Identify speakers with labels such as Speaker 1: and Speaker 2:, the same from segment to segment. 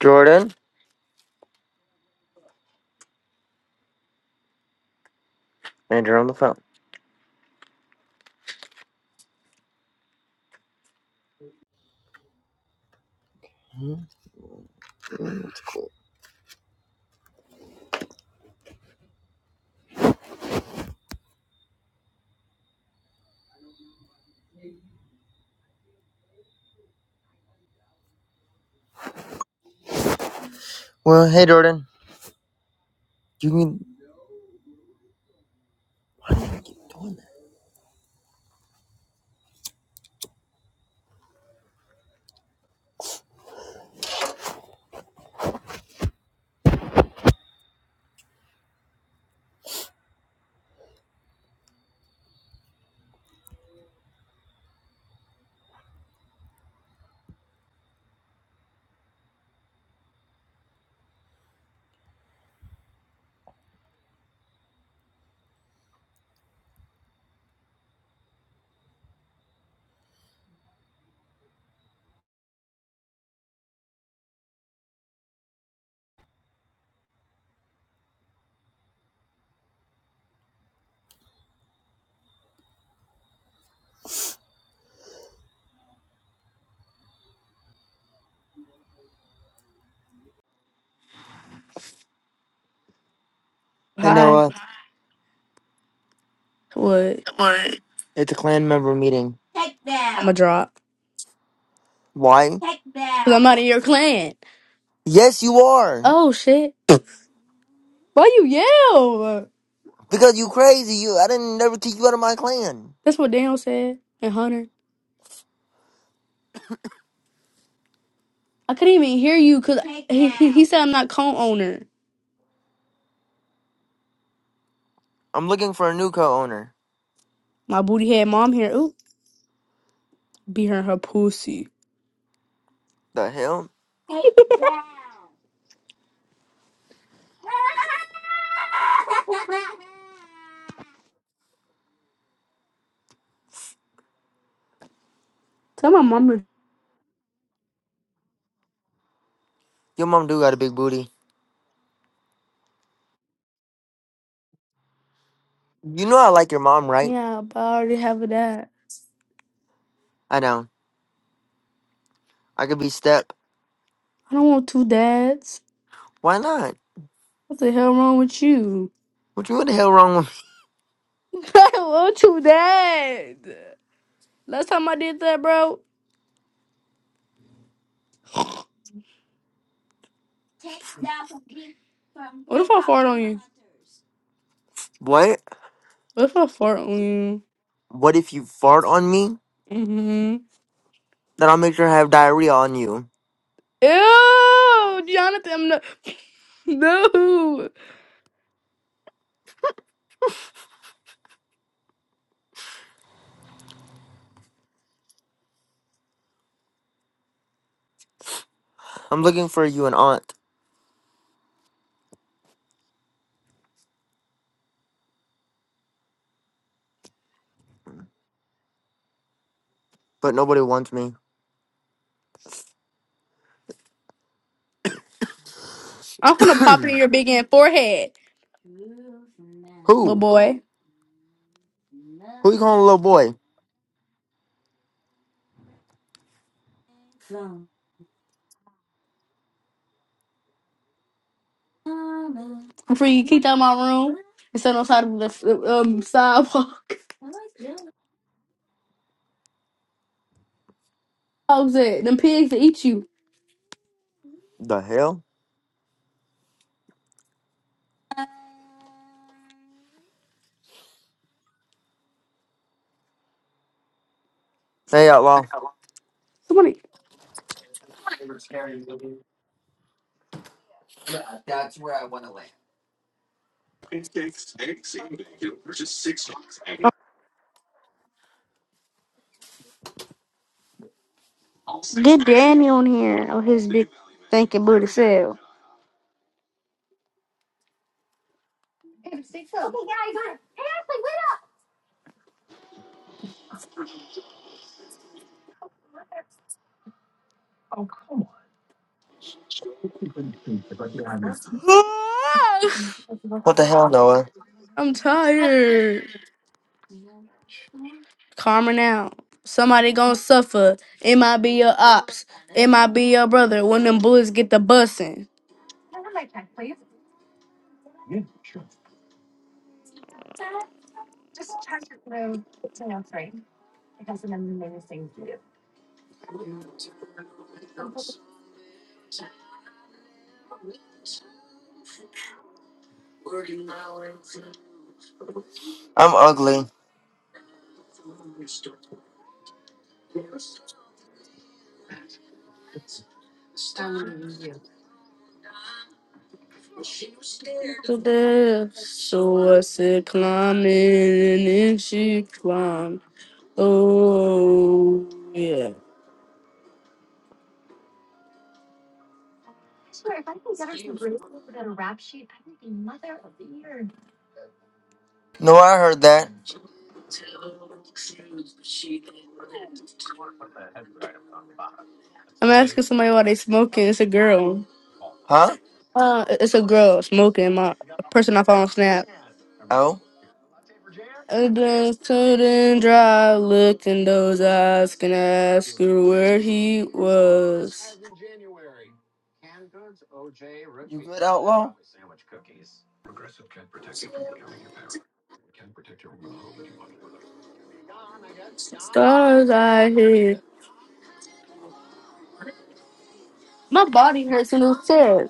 Speaker 1: Jordan, and you're on the phone. Well, hey Jordan, you can. Hey
Speaker 2: Hi.
Speaker 1: Noah,
Speaker 2: What?
Speaker 1: it's a clan member meeting.
Speaker 2: Take that. I'ma drop.
Speaker 1: Why?
Speaker 2: Take that. Cause I'm out of your clan.
Speaker 1: Yes, you are
Speaker 2: Oh shit. Why you yell?
Speaker 1: because you crazy. You, I didn't never kick you out of my clan.
Speaker 2: That's what Daniel said and Hunter. I couldn't even hear you cause Take he, he, he said I'm not co-owner.
Speaker 1: I'm looking for a new co-owner.
Speaker 2: My booty head mom here. Ooh, be her her pussy.
Speaker 1: The hell?
Speaker 2: Tell my mama.
Speaker 1: Your mom do got a big booty. You know I like your mom, right?
Speaker 2: Yeah, but I already have a dad.
Speaker 1: I know. I could be step.
Speaker 2: I don't want two dads.
Speaker 1: Why not?
Speaker 2: What the hell wrong with you?
Speaker 1: What you what the hell wrong with
Speaker 2: I don't want two dads. Last time I did that, bro. What if I fart on you?
Speaker 1: what?
Speaker 2: What if I fart on you?
Speaker 1: What if you fart on me?
Speaker 2: Mm-hmm.
Speaker 1: Then I'll make sure I have diarrhea on you.
Speaker 2: Ew, Jonathan, I'm no, no.
Speaker 1: I'm looking for you an aunt, but nobody wants me.
Speaker 2: I'm gonna pop in your big ass forehead, little
Speaker 1: Who?
Speaker 2: boy.
Speaker 1: Who you calling a little boy?
Speaker 2: Before you kicked out my room and sit on the side of the f- um sidewalk. How's it? Them pigs will eat you.
Speaker 1: The hell? Hey, outlaw.
Speaker 2: Somebody get Danny on here on his big thinking booty self.
Speaker 1: What the hell, Noah?
Speaker 2: I'm tired. Calmer now. Somebody gonna suffer. It might be your ops. It might be your brother when them bullets get the bussing.
Speaker 1: I'm ugly.
Speaker 2: to death. So I said, climb in, and then she climbed. Oh, yeah.
Speaker 1: No, I heard that.
Speaker 2: I'm asking somebody why they smoking. It's a girl.
Speaker 1: Huh?
Speaker 2: Uh, it's a girl smoking. My a person I follow on Snap.
Speaker 1: Oh,
Speaker 2: And then stood and dry, looked in those eyes, can ask her where he was.
Speaker 1: you good, outlaw?
Speaker 2: Stars I hear. My body hurts in those tears.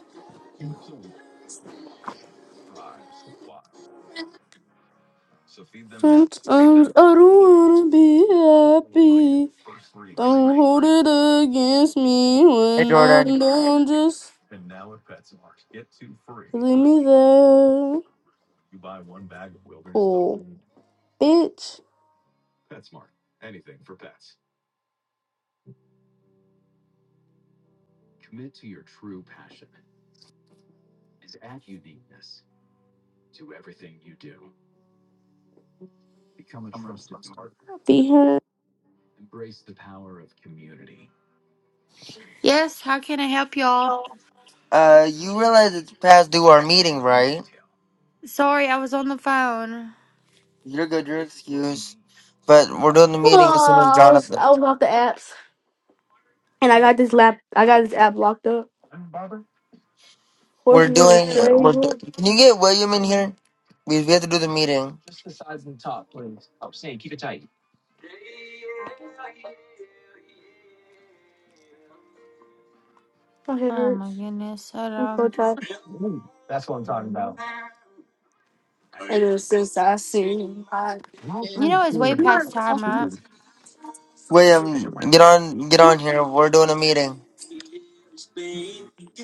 Speaker 2: Sometimes I don't wanna be happy. Don't hold it against me
Speaker 1: Hey,
Speaker 2: when I'm
Speaker 1: Jordan.
Speaker 2: down. Just leave me there. Cool, bitch. Be here.
Speaker 3: Yes, how can I help y'all?
Speaker 1: Uh, you realize it's past due our meeting, right?
Speaker 3: Sorry, I was on the phone.
Speaker 1: You're good. Your excuse. But we're doing the
Speaker 2: Oh,
Speaker 1: meeting as soon as
Speaker 2: I was
Speaker 1: Jonathan.
Speaker 2: I was off the apps, and I got this lap. I got this app locked up.
Speaker 1: We're
Speaker 2: Horses in the
Speaker 1: doing. We're. Do-
Speaker 2: stable.
Speaker 1: Can you get William in here? We we have to do the meeting.
Speaker 2: My head
Speaker 3: Oh my
Speaker 2: hurts.
Speaker 3: goodness. Hold
Speaker 2: I'm so
Speaker 3: on.
Speaker 2: tired. Ever since I seen my
Speaker 3: You know it's way past time, right?
Speaker 1: William, get on. Get on here. We're doing a meeting.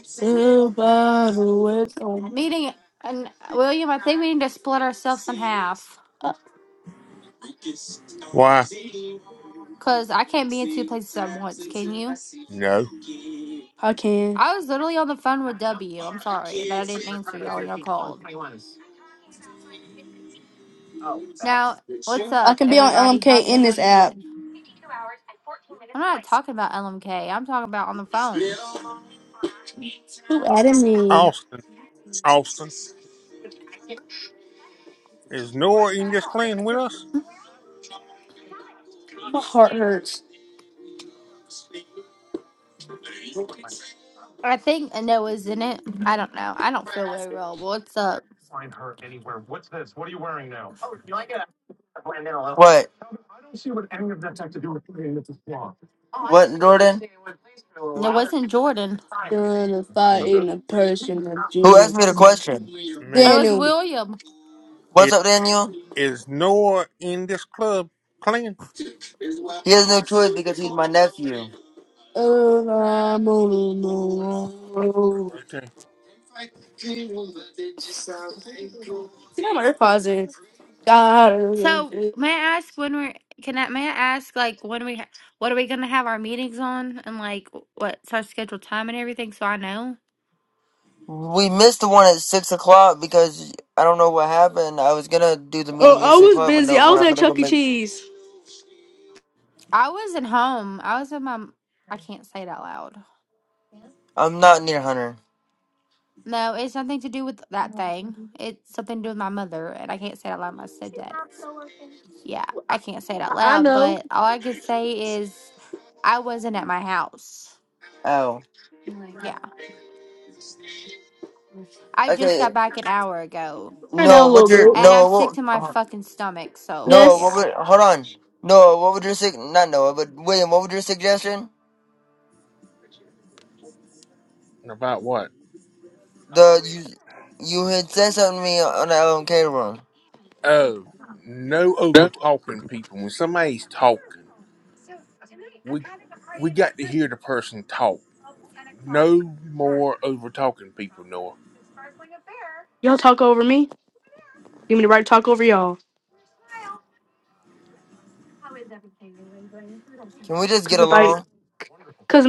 Speaker 2: Somebody with on.
Speaker 3: Meeting and William, I think we need to split ourselves in half.
Speaker 2: I
Speaker 4: Why,
Speaker 3: Cause I can't be in two places at once, can you?
Speaker 4: no.
Speaker 2: I can.
Speaker 3: I was literally on the phone with W. I'm sorry that I didn't answer y'all when y'all called. Now, what's
Speaker 2: I
Speaker 3: up,
Speaker 2: can be on
Speaker 3: everybody?
Speaker 2: LMK
Speaker 3: How's
Speaker 2: in this
Speaker 3: everyone
Speaker 2: app.
Speaker 3: going? I'm not talking about LMK. I'm talking about on the phone.
Speaker 2: Who added me?
Speaker 4: Austin, Austin, is Nora in this clan with us?
Speaker 2: My heart hurts
Speaker 3: I think Noah's in it. I don't know. I don't feel very well. What's up?
Speaker 1: What? What, Jordan?
Speaker 3: It wasn't Jordan.
Speaker 2: during the fight in a person of
Speaker 1: Who
Speaker 2: Jimmy.
Speaker 1: asked me the question?
Speaker 3: It
Speaker 4: Me.
Speaker 3: was
Speaker 2: Daniel.
Speaker 3: William.
Speaker 1: What's
Speaker 4: It
Speaker 1: up, Daniel?
Speaker 4: is Nora in this club clan?
Speaker 1: He has no choice because he's my nephew.
Speaker 2: Oh, I'm on the road.
Speaker 4: Okay.
Speaker 2: See how my AirPods in. God.
Speaker 3: So may I ask when we're can I may I ask like when we ha- what are we gonna have our meetings on and like what's our scheduled time and everything so I know.
Speaker 1: We missed the one at six o'clock because I don't know what happened. I was gonna do the
Speaker 2: Oh,
Speaker 1: meeting at
Speaker 2: I
Speaker 1: six
Speaker 2: was
Speaker 1: o'clock, but
Speaker 2: busy.
Speaker 1: no,
Speaker 2: I
Speaker 1: when
Speaker 2: was
Speaker 1: I'm
Speaker 2: at
Speaker 1: gonna go
Speaker 2: Chuck E.
Speaker 1: make,
Speaker 2: Cheese.
Speaker 3: I wasn't home. I was in my. I can't say it out loud.
Speaker 1: I'm not near Hunter.
Speaker 3: No, it's something to do with that thing. It's something to do with my mother, and I can't say it out loud. My stepdad is. Yeah, I can't say it out
Speaker 2: I, I
Speaker 3: loud,
Speaker 2: know.
Speaker 3: but all I can say is I wasn't at my house.
Speaker 1: Ow.
Speaker 3: Yeah, I just
Speaker 1: Okay.
Speaker 3: got back an hour ago,
Speaker 2: Turn
Speaker 1: Noah,
Speaker 2: down a little
Speaker 1: what's your
Speaker 2: bit.
Speaker 3: and
Speaker 1: Noah?
Speaker 3: I'm sick
Speaker 1: What,
Speaker 3: to my fucking stomach. So
Speaker 1: Noah,
Speaker 3: yeah.
Speaker 1: what
Speaker 2: Yes.
Speaker 1: would? Hold on. Noah, what would your sug? Not Noah, but William. What would your suggestion?
Speaker 4: And about what?
Speaker 1: The you, you had said something to me on the LMK room.
Speaker 4: Oh, no over talking people. When somebody's talking, we we got to hear the person talk. No more over talking people, Nora.
Speaker 2: Y'all talk over me. Give me the right to talk over y'all.
Speaker 1: Can we just
Speaker 2: Cause
Speaker 1: get
Speaker 2: if I,
Speaker 1: along?
Speaker 2: Cause.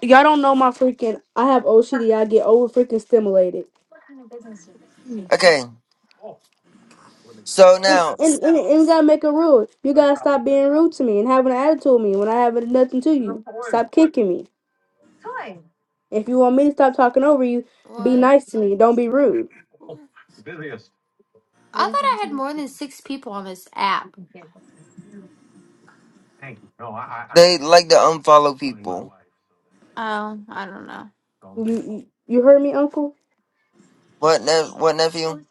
Speaker 2: Y'all don't know my freaking. I have OCD. I get over freaking stimulated. And
Speaker 1: Okay. So
Speaker 2: and,
Speaker 1: now,
Speaker 2: and and you gotta make a rule. You gotta stop being rude to me and having an attitude with me when I have nothing to you. Stop kicking me. If you want me to stop talking over you, be
Speaker 3: One,
Speaker 2: nice to
Speaker 3: two,
Speaker 2: me. Don't be
Speaker 3: three,
Speaker 2: rude.
Speaker 3: four. I thought I had more than six people on this app.
Speaker 1: They like to unfollow including people.
Speaker 3: Oh, I don't know.
Speaker 2: You you, you heard me, Uncle.
Speaker 1: that's What, ne- what nephew?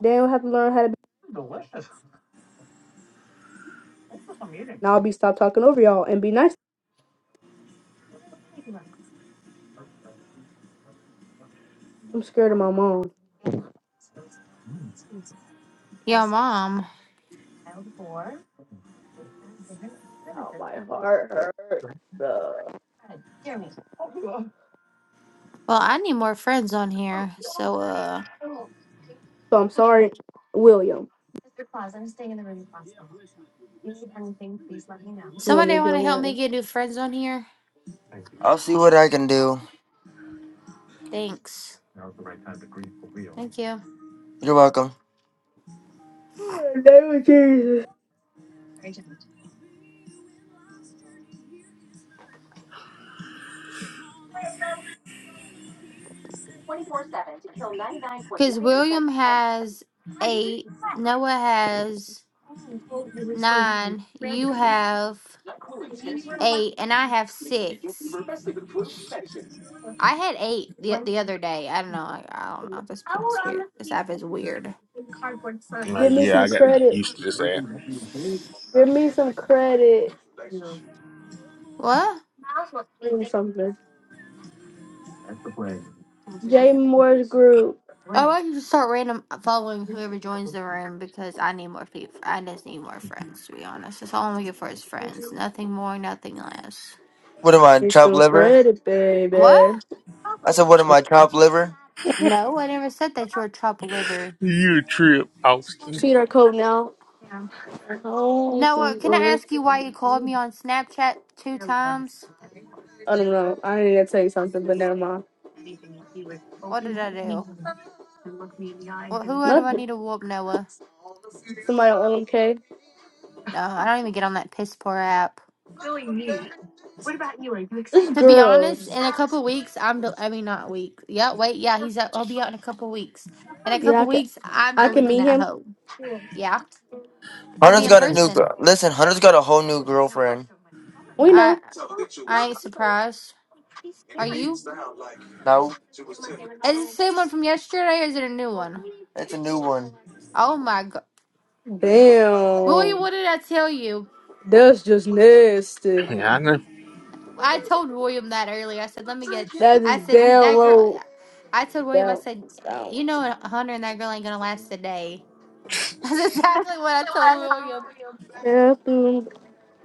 Speaker 2: Then will have to learn how to. Be, and I'll be stop talking over y'all and be nice. I'm scared of my mom.
Speaker 3: Yo, mom.
Speaker 2: Oh, my heart hurts. uh.
Speaker 3: Well, I need more friends on here. So, uh,
Speaker 2: So I'm sorry, William. If you want me to
Speaker 3: somebody
Speaker 2: be
Speaker 3: want to help me
Speaker 2: alone.
Speaker 3: get new friends on here?
Speaker 1: I'll see what I can do.
Speaker 3: Thanks. Thank you.
Speaker 1: You're welcome.
Speaker 2: Oh, name of Jesus.
Speaker 3: Because William has eight, Noah has nine, you have eight, and I have six. I had eight the the other day. I don't know. I, I don't know. This, pe- this weird. This app is weird.
Speaker 4: Oh,
Speaker 2: Give me
Speaker 4: yeah,
Speaker 2: some
Speaker 4: I got to get
Speaker 2: credit.
Speaker 4: used to this app.
Speaker 2: Give me some credit.
Speaker 3: What?
Speaker 2: Bring something. Jay Moore's group.
Speaker 3: Oh, I want you to start random following whoever joins the room because I need more people. I just need more friends, to be honest. That's all I'm looking for is friends. Nothing more, nothing less.
Speaker 1: What am I,
Speaker 2: Get
Speaker 1: chopped
Speaker 2: some
Speaker 1: liver?
Speaker 2: credit,
Speaker 3: What?
Speaker 2: baby.
Speaker 1: I said, what am I, chopped liver?
Speaker 3: No, I never said that you're a trouble liver.
Speaker 4: You a trip, Austin.
Speaker 2: Feed our code now. Oh,
Speaker 3: Noah, can I ask you why you called me on Snapchat two times?
Speaker 2: I don't know. I need to tell you something, but never mind.
Speaker 3: What did I do? Well, who do I
Speaker 2: Nothing.
Speaker 3: need to whoop, Noah?
Speaker 2: Somebody on LMK.
Speaker 3: No, I don't even get on that piss poor app.
Speaker 2: This
Speaker 3: To be honest,
Speaker 2: girls.
Speaker 3: in a couple weeks, I'm. Del- I mean, not week. Yeah, wait. Yeah, he's. Out- I'll be out in a couple weeks. In a
Speaker 2: Yeah, I
Speaker 3: couple
Speaker 2: can.
Speaker 3: weeks, I'm
Speaker 2: I can
Speaker 3: deleting
Speaker 2: meet
Speaker 3: that
Speaker 2: him.
Speaker 3: hoe. Yeah. We'll be
Speaker 1: Hunter's
Speaker 4: Talk-
Speaker 2: Okay.
Speaker 3: in
Speaker 1: got a new
Speaker 3: person.
Speaker 1: girl. Listen, Hunter's got a whole new girlfriend.
Speaker 2: We
Speaker 3: I
Speaker 2: know.
Speaker 3: I ain't surprised. Are you?
Speaker 1: No,
Speaker 3: Is it the same one from yesterday or is it a new one?
Speaker 1: it's a new one.
Speaker 3: Oh my god. William,
Speaker 2: Damn.
Speaker 3: what did I tell you?
Speaker 2: That's just nasty.
Speaker 4: Yeah, I know.
Speaker 3: I told William that earlier. I said, let me get
Speaker 2: That is
Speaker 3: I said he
Speaker 2: down
Speaker 3: that girl
Speaker 2: road.
Speaker 3: I told William, I
Speaker 2: Down.
Speaker 3: said,
Speaker 2: Down.
Speaker 3: you know Hunter and that girl ain't gonna last a day. That's exactly what I told William.
Speaker 2: Bathroom.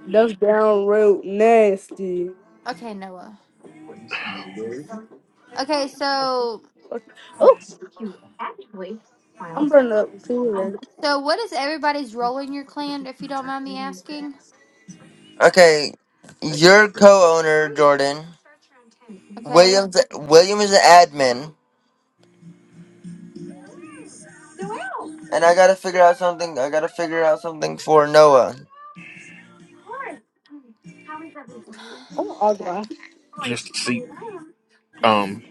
Speaker 2: That's downright nasty.
Speaker 3: Okay, Noah. Okay, so
Speaker 2: Oh, I'm burning up too. man.
Speaker 3: so what is everybody's role in your clan, if you don't mind me asking?
Speaker 1: Okay, your co-owner Jordan
Speaker 3: Okay.
Speaker 1: Williams. William is an admin. And I gotta figure out something. I gotta figure out something for Noah.
Speaker 2: I'm gonna argue
Speaker 3: Okay.
Speaker 4: Just to see. Um,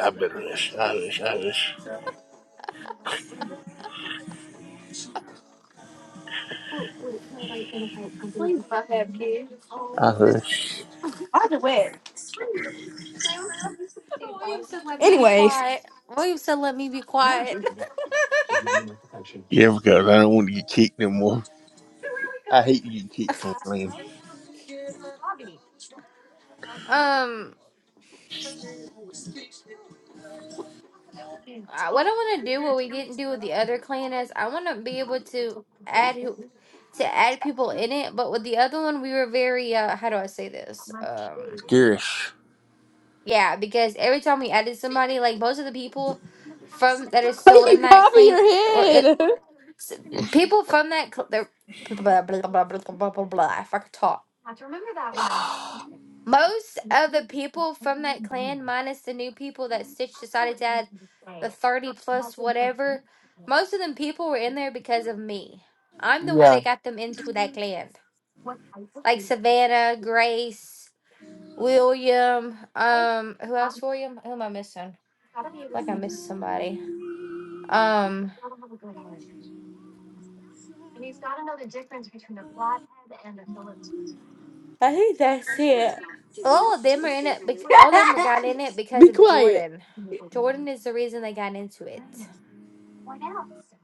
Speaker 4: I better wish. I wish. I wish. I hush.
Speaker 2: I'll do it.
Speaker 3: William said, "Let me be
Speaker 2: Anyways,
Speaker 3: quiet." William said, "Let me be quiet."
Speaker 4: Yeah, because I don't want to get kicked no more. I hate getting kicked from clan.
Speaker 3: Um, I- what I want to do, what we didn't do with the other clan, is I want to be able to add who to add people in it. But with the other one, we were very uh, how do I say this? Um,
Speaker 4: Scarish.
Speaker 3: yeah, because every time we added somebody, like most of the people from that are
Speaker 2: why
Speaker 3: still in
Speaker 2: you
Speaker 3: that
Speaker 2: popping
Speaker 3: clan,
Speaker 2: your
Speaker 3: or it
Speaker 2: head?
Speaker 3: s- people from that cl- they're blah blah blah blah blah blah blah. blah, blah, if I could talk Most of the people from that clan, minus the new people that Stitch decided to add, the 30 plus whatever, most of them people were in there because of me. I'm the one
Speaker 1: Yeah.
Speaker 3: that got them into that clan. Like Savannah, Grace, William, um, who else, William? Who am I missing? I feel Like I missed somebody. Um, I think that's it. All of them are in it. bec- All of them got in it because
Speaker 2: Be
Speaker 3: of
Speaker 2: quiet.
Speaker 3: Jordan. Jordan is the reason they got into it.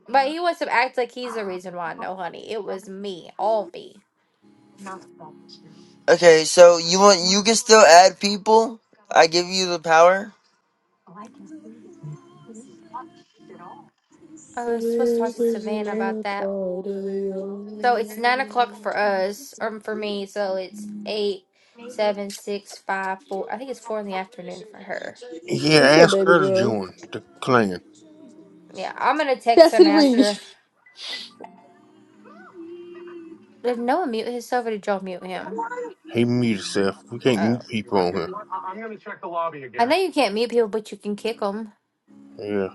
Speaker 3: But he wants to act like he's the reason why. No, honey, it was me, all me.
Speaker 1: Okay. So you want you can still add people. I give you the power.
Speaker 3: I was supposed to
Speaker 2: Really
Speaker 3: talk to Savannah
Speaker 2: pushing
Speaker 3: about
Speaker 2: up
Speaker 3: that.
Speaker 2: all the
Speaker 3: So it's nine o'clock
Speaker 2: way.
Speaker 3: for us, or for me. So it's eight, seven, six, five, four. I think it's four in the afternoon for her.
Speaker 4: Yeah,
Speaker 2: What's up,
Speaker 4: ask
Speaker 2: baby
Speaker 4: her to
Speaker 2: girl?
Speaker 4: join the clan.
Speaker 3: Yeah, I'm gonna text her and
Speaker 2: Chastity
Speaker 3: ask
Speaker 2: Reed.
Speaker 3: her. Did no one mute himself, or did y'all mute him?
Speaker 4: He mute himself. We can't
Speaker 3: Oh,
Speaker 4: mute people on here.
Speaker 3: I know you can't mute people, but you can kick them.
Speaker 4: Yeah.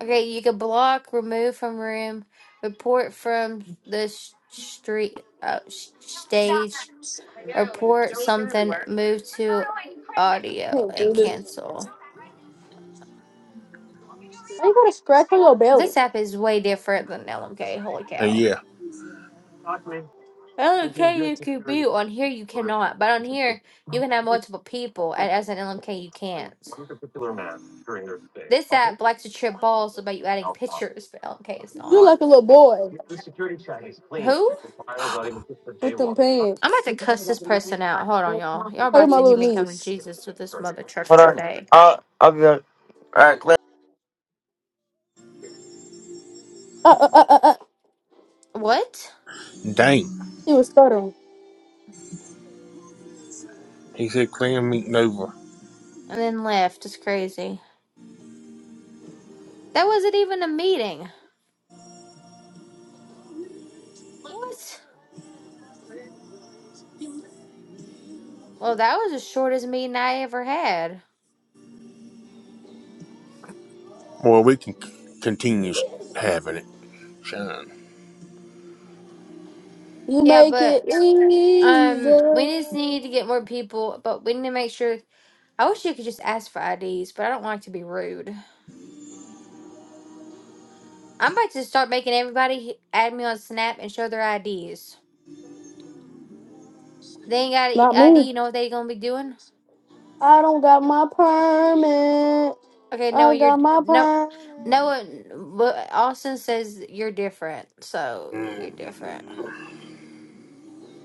Speaker 3: Okay, you can block, remove from room, report from the sh- street, uh, sh- stage. Report something, move to audio,
Speaker 2: Can't do
Speaker 3: and
Speaker 2: this. anymore.
Speaker 3: cancel.
Speaker 2: Why you got a scratch on your belly?
Speaker 3: This app is way different than LMK. Holy
Speaker 4: And
Speaker 3: cow.
Speaker 4: yeah.
Speaker 3: LMK, you could be on here, you cannot. But on here, you can have multiple people, and as an LMK, you can't. This app likes to trip balls about you adding pictures, but LMK is
Speaker 2: You're
Speaker 3: not.
Speaker 2: like a little boy
Speaker 3: Who?
Speaker 2: with them
Speaker 3: I'm about
Speaker 2: pants.
Speaker 3: to cuss this person out. Hold on, y'all. Y'all
Speaker 2: Look at
Speaker 3: about
Speaker 2: my
Speaker 3: to hear
Speaker 2: little
Speaker 3: me come to
Speaker 2: niece.
Speaker 3: Jesus with this mother trucker
Speaker 1: Hold on.
Speaker 3: today.
Speaker 1: I'll I'll be back. All right.
Speaker 2: Uh, uh, uh, uh, uh.
Speaker 3: What?
Speaker 4: Dang.
Speaker 2: She was stuttering.
Speaker 4: He said clan meeting over.
Speaker 3: And then left. It's crazy. That wasn't even a meeting. What? Well, that was the shortest meeting I ever had.
Speaker 4: Well, we can c- continue s- having it. Son.
Speaker 2: You
Speaker 3: Yeah,
Speaker 2: make it
Speaker 3: but
Speaker 2: easy.
Speaker 3: um, we just need to get more people, but we need to make sure. I wish you could just ask for IDs, but I don't like to be rude. I'm about to start making everybody h- add me on Snap and show their IDs. They ain't got
Speaker 2: Not
Speaker 3: a ID,
Speaker 2: me.
Speaker 3: you know what they gonna be doing?
Speaker 2: I don't got my permit.
Speaker 3: Okay, Noah,
Speaker 2: I
Speaker 3: you're
Speaker 2: got my
Speaker 3: no,
Speaker 2: permit.
Speaker 3: Noah. well, Austin says you're different, so you're different.
Speaker 4: mm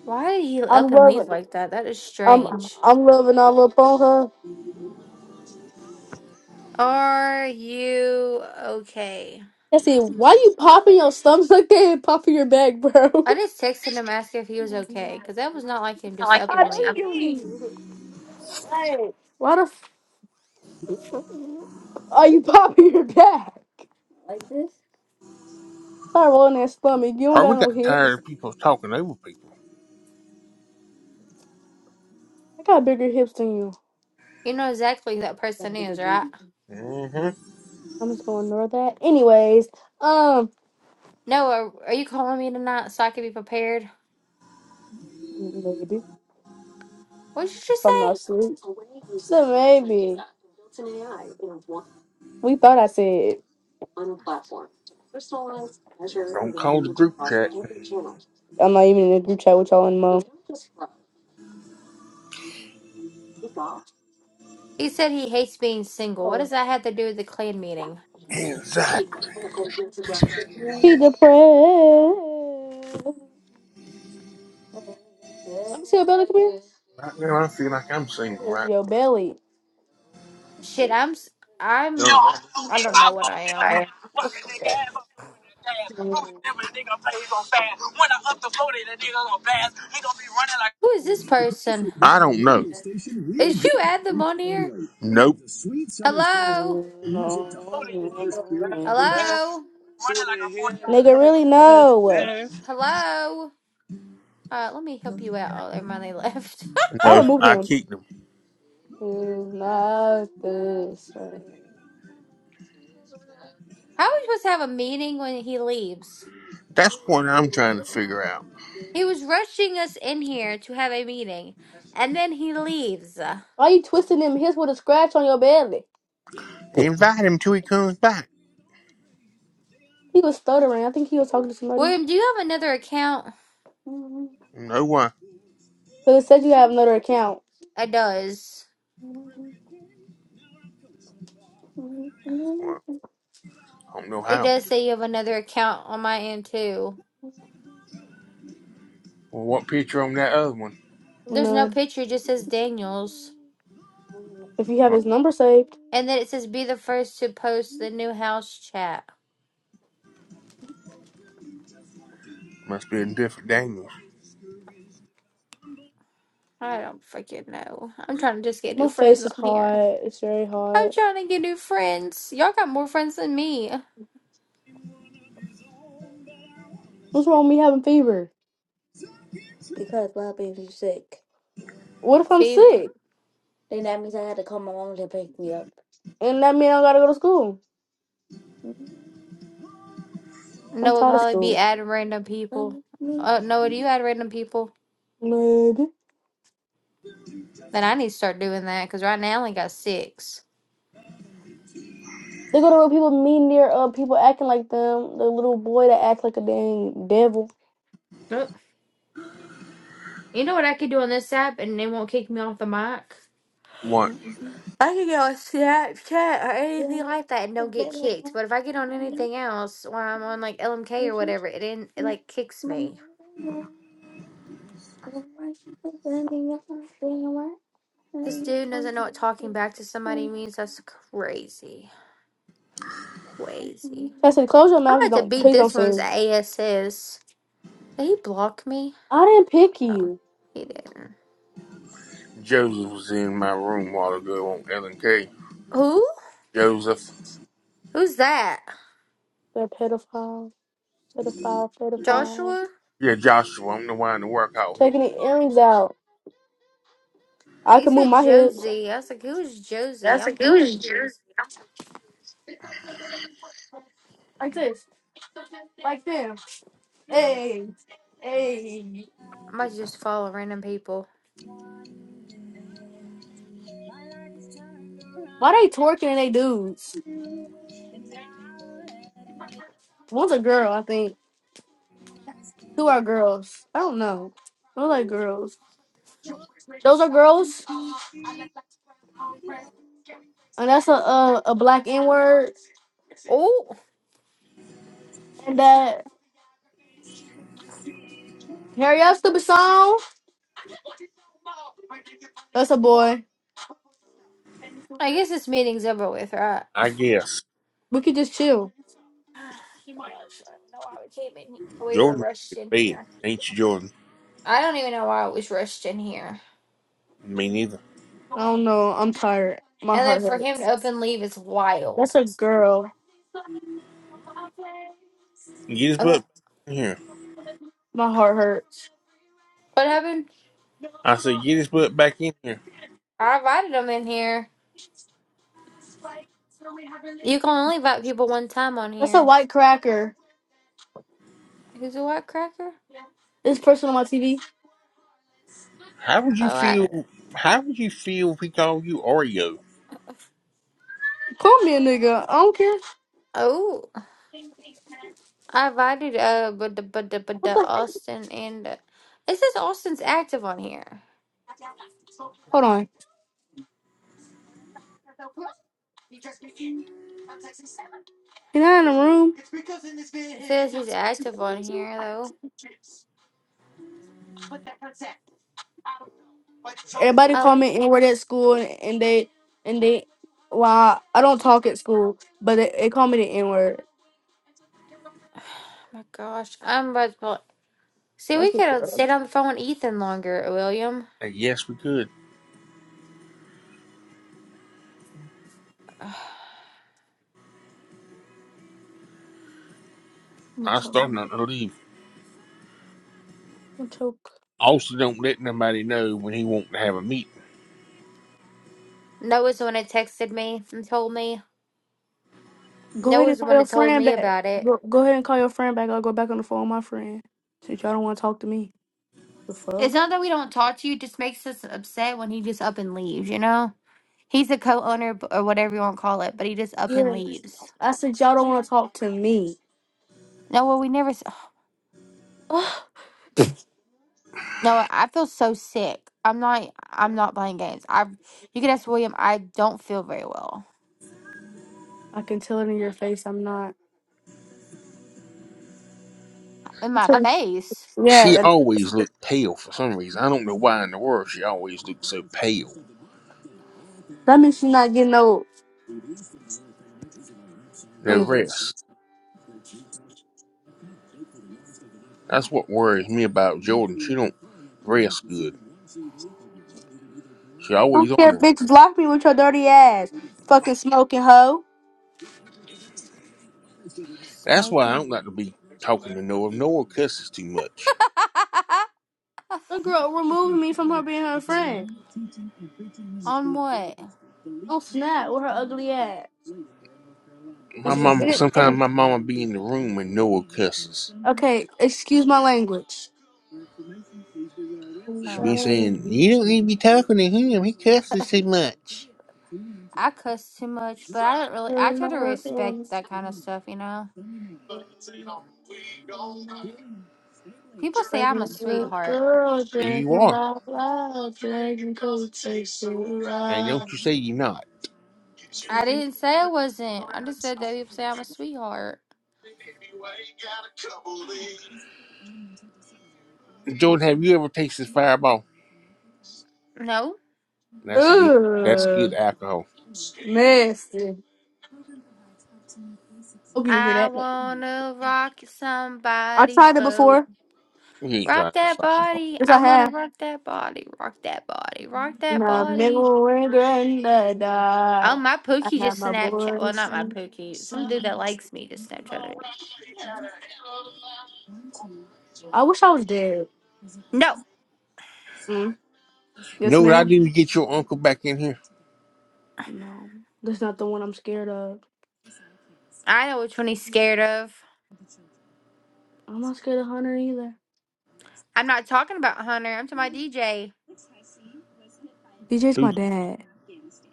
Speaker 3: Why did he
Speaker 2: I'm
Speaker 3: up and leave
Speaker 2: loving.
Speaker 3: like that? That is
Speaker 2: I'm
Speaker 3: strange.
Speaker 2: I'm loving all up on her.
Speaker 3: Are you okay?
Speaker 2: Jesse, Why you popping your stomach like that and popping your back, bro?
Speaker 3: I just texted him asking if he was okay, because that was not like him just up
Speaker 2: I
Speaker 3: and leave.
Speaker 2: know you. Hey, why the f- are you popping your back? Sorry, rolling that stomach. You don't
Speaker 4: Or
Speaker 2: got
Speaker 4: we
Speaker 2: no
Speaker 4: got
Speaker 2: hips.
Speaker 4: tired of people talking over people.
Speaker 2: I got bigger hips than you.
Speaker 3: You know exactly who that person is, right?
Speaker 4: Mm-hmm.
Speaker 2: I'm just gonna ignore that. Anyways, um,
Speaker 3: No, are, are you calling me tonight so I can be prepared?
Speaker 2: maybe.
Speaker 3: What did you just
Speaker 2: from my
Speaker 3: say?
Speaker 2: sleep. So maybe we thought I said
Speaker 4: Don't call the group chat.
Speaker 2: I'm not even in the group chat with y'all anymore.
Speaker 3: He said he hates being single. What does that have to do with the clan meeting?
Speaker 4: Exactly.
Speaker 2: He depressed. Let me see your belly.
Speaker 4: Right now, I feel like I'm
Speaker 2: Come here. What
Speaker 4: single.
Speaker 2: is
Speaker 4: Right.
Speaker 2: your belly? What's
Speaker 3: Shit, I'm,
Speaker 2: this?
Speaker 3: s-
Speaker 5: Yo,
Speaker 3: I'm, I don't know what I am.
Speaker 2: Yeah.
Speaker 3: Who is this person?
Speaker 4: I don't know.
Speaker 3: Is you add them on here?
Speaker 4: Nope.
Speaker 2: Nigga,
Speaker 3: Hello,
Speaker 5: bass,
Speaker 3: hello,
Speaker 5: shorty in here,
Speaker 2: really? No.
Speaker 5: damn.
Speaker 3: hello. Uh, let me help you out. Oh, never mind, they left.
Speaker 2: I
Speaker 4: No,
Speaker 2: removed
Speaker 4: I
Speaker 2: him.
Speaker 4: keep them.
Speaker 2: It's not the same.
Speaker 3: How are we supposed to have a meeting when he leaves?
Speaker 4: That's what I'm trying to figure out.
Speaker 3: He was rushing us in here to have a meeting, and then he leaves.
Speaker 2: Why you twisting them hips with a scratch on your belly?
Speaker 4: Invite him till he comes back.
Speaker 2: He was stuttering. I think he was talking to somebody.
Speaker 3: William, do you have another account?
Speaker 2: Because
Speaker 4: No why?
Speaker 2: it said you have another account.
Speaker 3: It does.
Speaker 4: Well, I don't know
Speaker 3: It
Speaker 4: how.
Speaker 3: does say you have another account on my end too.
Speaker 4: Well, what picture on that other one?
Speaker 3: There's no
Speaker 2: None.
Speaker 3: picture, it just says Daniels.
Speaker 2: If you have
Speaker 4: Well,
Speaker 2: his number saved,
Speaker 3: And then it says be the first to post the new house chat.
Speaker 4: must be a different Daniels.
Speaker 3: I don't freaking know. I'm trying to just get
Speaker 2: my
Speaker 3: new
Speaker 2: face
Speaker 3: friends
Speaker 2: is
Speaker 3: on here.
Speaker 2: hot. It's very
Speaker 3: I'm
Speaker 2: hot.
Speaker 3: trying to get new friends. Y'all got more friends than me.
Speaker 2: What's wrong with me having fever? What if I'm sick?
Speaker 3: Fever.
Speaker 2: And that means I gotta go to school. I'm
Speaker 3: Noah
Speaker 2: tired of
Speaker 3: probably be
Speaker 2: school.
Speaker 3: adding random people. Uh, Noah, do you add random people?
Speaker 2: Maybe.
Speaker 3: Then I need to start doing that because right now I only got six.
Speaker 2: They go to little people Me near uh people acting like them. The little boy that acts like a dang devil.
Speaker 3: Oh, you know what I could do on this app and they won't kick me off the mic?
Speaker 4: What?
Speaker 3: I could get on Snapchat or anything like that and don't get kicked. But if I get on anything else while I'm on like LMK or whatever, it didn't it like kicks me. This dude doesn't know what talking back to somebody means. That's crazy. Crazy.
Speaker 2: I said, close your
Speaker 3: I'm
Speaker 2: mouth.
Speaker 3: about to
Speaker 2: Don't
Speaker 3: beat
Speaker 2: please don't
Speaker 3: this one's
Speaker 2: sing.
Speaker 3: ASS. Did he block me?
Speaker 2: I didn't pick you.
Speaker 3: He didn't.
Speaker 4: Joseph was in my room a while ago on L and K.
Speaker 3: Who?
Speaker 4: Joseph.
Speaker 3: Who's that?
Speaker 2: That pedophile, pedophile, pedophile.
Speaker 3: Joshua?
Speaker 4: Yeah, Joshua. I don't know why in the work out with him.
Speaker 2: Taking the earrings out. I
Speaker 3: He
Speaker 2: can move
Speaker 3: said
Speaker 2: my hips.
Speaker 3: Josie. I was like, who is Josie?
Speaker 2: That's a
Speaker 3: I'm
Speaker 2: goose jerk.
Speaker 3: confused.
Speaker 2: Like this. Like them. Hey. Hey.
Speaker 3: I might just follow random people.
Speaker 2: Why they twerking and they dudes? One's a girl, I think. Two are girls. I don't know. Those like girls. Those are girls. And that's a a, a black N word.
Speaker 3: Oh,
Speaker 2: And that Harry up stupid song. That's a boy.
Speaker 3: I guess this meeting's over with, right?
Speaker 4: I guess
Speaker 2: We could just chill.
Speaker 3: Gosh, I don't know why we came in. We were
Speaker 4: Jordan ready to
Speaker 3: rushed
Speaker 4: get
Speaker 3: in
Speaker 4: to bed.
Speaker 3: here.
Speaker 4: Ain't you, Jordan?
Speaker 3: I don't even know why it was rushed in here.
Speaker 4: Me neither.
Speaker 2: I don't know. I'm tired. My
Speaker 3: And then
Speaker 2: heart
Speaker 3: for him to
Speaker 2: hurts.
Speaker 3: up and leave is
Speaker 2: That's
Speaker 3: wild.
Speaker 2: a girl.
Speaker 4: Get his
Speaker 3: Uh,
Speaker 4: butt back in here.
Speaker 2: My heart hurts.
Speaker 3: What happened?
Speaker 4: I said, get his butt back in here.
Speaker 3: I invited him in here. You can only invite people one time on
Speaker 2: That's a
Speaker 3: here.
Speaker 2: white cracker.
Speaker 3: Who's a white cracker?
Speaker 2: This person on my TV.
Speaker 4: How would you
Speaker 3: Oh, I.
Speaker 4: feel? How would you feel if we called you Oreo?
Speaker 2: Call me a nigga. I don't care.
Speaker 3: Oh. I invited uh but the but the but the Austin and uh, it says Austin's active on here.
Speaker 2: Hold on. Can I in the room?
Speaker 3: It says he's active on here though.
Speaker 2: Everybody
Speaker 3: I
Speaker 2: call
Speaker 3: left
Speaker 2: me
Speaker 3: oh
Speaker 2: N-word at school, and they and they. Well, I don't talk at school, but they, they call me the N word.
Speaker 3: my gosh. I'm about to pull See we
Speaker 2: That's it.
Speaker 3: could have
Speaker 2: girl.
Speaker 3: stayed on the phone with Ethan longer, William.
Speaker 4: And yes, we could.
Speaker 3: Ugh.
Speaker 2: I'm gonna
Speaker 4: I
Speaker 2: choke.
Speaker 4: started
Speaker 2: I'm
Speaker 4: not to leave.
Speaker 2: gonna choke.
Speaker 4: Also, don't let nobody know when he wants to have a meeting.
Speaker 3: Noah's the one that texted me and told me.
Speaker 2: Go ahead
Speaker 3: Noah's
Speaker 2: and
Speaker 3: the
Speaker 2: call
Speaker 3: one
Speaker 2: your
Speaker 3: that told
Speaker 2: friend
Speaker 3: me
Speaker 2: back.
Speaker 3: about it.
Speaker 2: Go, go ahead and call your friend back. I'll go back on the phone with my friend. Since y'all don't want to talk to me, the fuck.
Speaker 3: It's not that we don't talk to you, it just makes us upset when he just up and leaves, you know? He's a co owner or whatever you want to call it, but he just up and leaves.
Speaker 2: I said y'all don't want to talk to me.
Speaker 3: No, well, we never.
Speaker 2: Ugh.
Speaker 3: No, I feel so sick. I'm not I'm not playing games. I you can ask William, I don't feel very well.
Speaker 2: I can tell it in your face. I'm not.
Speaker 3: In my face,
Speaker 4: She
Speaker 2: Yeah,
Speaker 4: always looked pale for some reason. I don't know why in the world she always looked so pale.
Speaker 2: that means you're not getting old. Let
Speaker 4: No
Speaker 2: me hear.
Speaker 4: rest. That's what worries me about Jordan. She don't rest good. She always
Speaker 2: don't
Speaker 4: on
Speaker 2: care,
Speaker 4: the.
Speaker 2: bitch. Block me with your dirty ass. Fucking smoking hoe.
Speaker 4: That's why I
Speaker 3: smoking.
Speaker 4: don't like to be talking to Noah. Noah cusses too much.
Speaker 2: That girl removed me from her being her friend.
Speaker 3: On what?
Speaker 2: Don't snap with her ugly ass.
Speaker 4: My mama.
Speaker 2: And-
Speaker 4: Sometimes
Speaker 2: and-
Speaker 4: my mama be in the room and Noah cusses.
Speaker 2: Okay, excuse my language.
Speaker 3: A
Speaker 4: should be
Speaker 3: rusty.
Speaker 4: saying, You don't need to be talking to him. He cusses too much.
Speaker 3: I cuss too much, but I don't really I try to respect that kind of stuff, you know. People say I'm a sweetheart.
Speaker 4: You are. And don't you say you're not.
Speaker 3: I didn't say I wasn't. I just said that people say I'm a sweetheart.
Speaker 4: Jordan, have you ever tasted fireball?
Speaker 3: No.
Speaker 4: That's good. That's good
Speaker 2: Ugh,
Speaker 4: alcohol.
Speaker 2: nasty. Hope you didn't hear
Speaker 3: I
Speaker 2: that.
Speaker 3: wanna rock
Speaker 2: I
Speaker 3: somebody's
Speaker 2: tried it
Speaker 3: boat.
Speaker 2: before.
Speaker 4: You ain't
Speaker 3: Rock
Speaker 4: trying to
Speaker 3: that
Speaker 4: fire.
Speaker 3: body.
Speaker 2: Yes,
Speaker 3: I
Speaker 2: I
Speaker 3: want to
Speaker 2: have.
Speaker 3: rock that body. Rock that body. Rock
Speaker 2: In
Speaker 3: that
Speaker 2: the
Speaker 3: body.
Speaker 2: middle of the night,
Speaker 3: Oh,
Speaker 2: I
Speaker 3: my Pookie
Speaker 2: have
Speaker 3: just
Speaker 2: my
Speaker 3: Snapchat. Well,
Speaker 2: boys.
Speaker 3: not my Pookie. Some dude that likes me just Snapchatted me.
Speaker 2: I wish I was dead.
Speaker 3: No.
Speaker 2: Mm. Yes,
Speaker 4: Know what I
Speaker 2: ma'am.
Speaker 4: do to get your uncle back in here?
Speaker 2: No, that's not the one I'm scared of.
Speaker 3: I know which one he's scared of.
Speaker 2: I'm not scared of Hunter either.
Speaker 3: I'm not talking about Hunter. I'm talking about DJ.
Speaker 2: DJ's my
Speaker 4: Who's
Speaker 2: dad.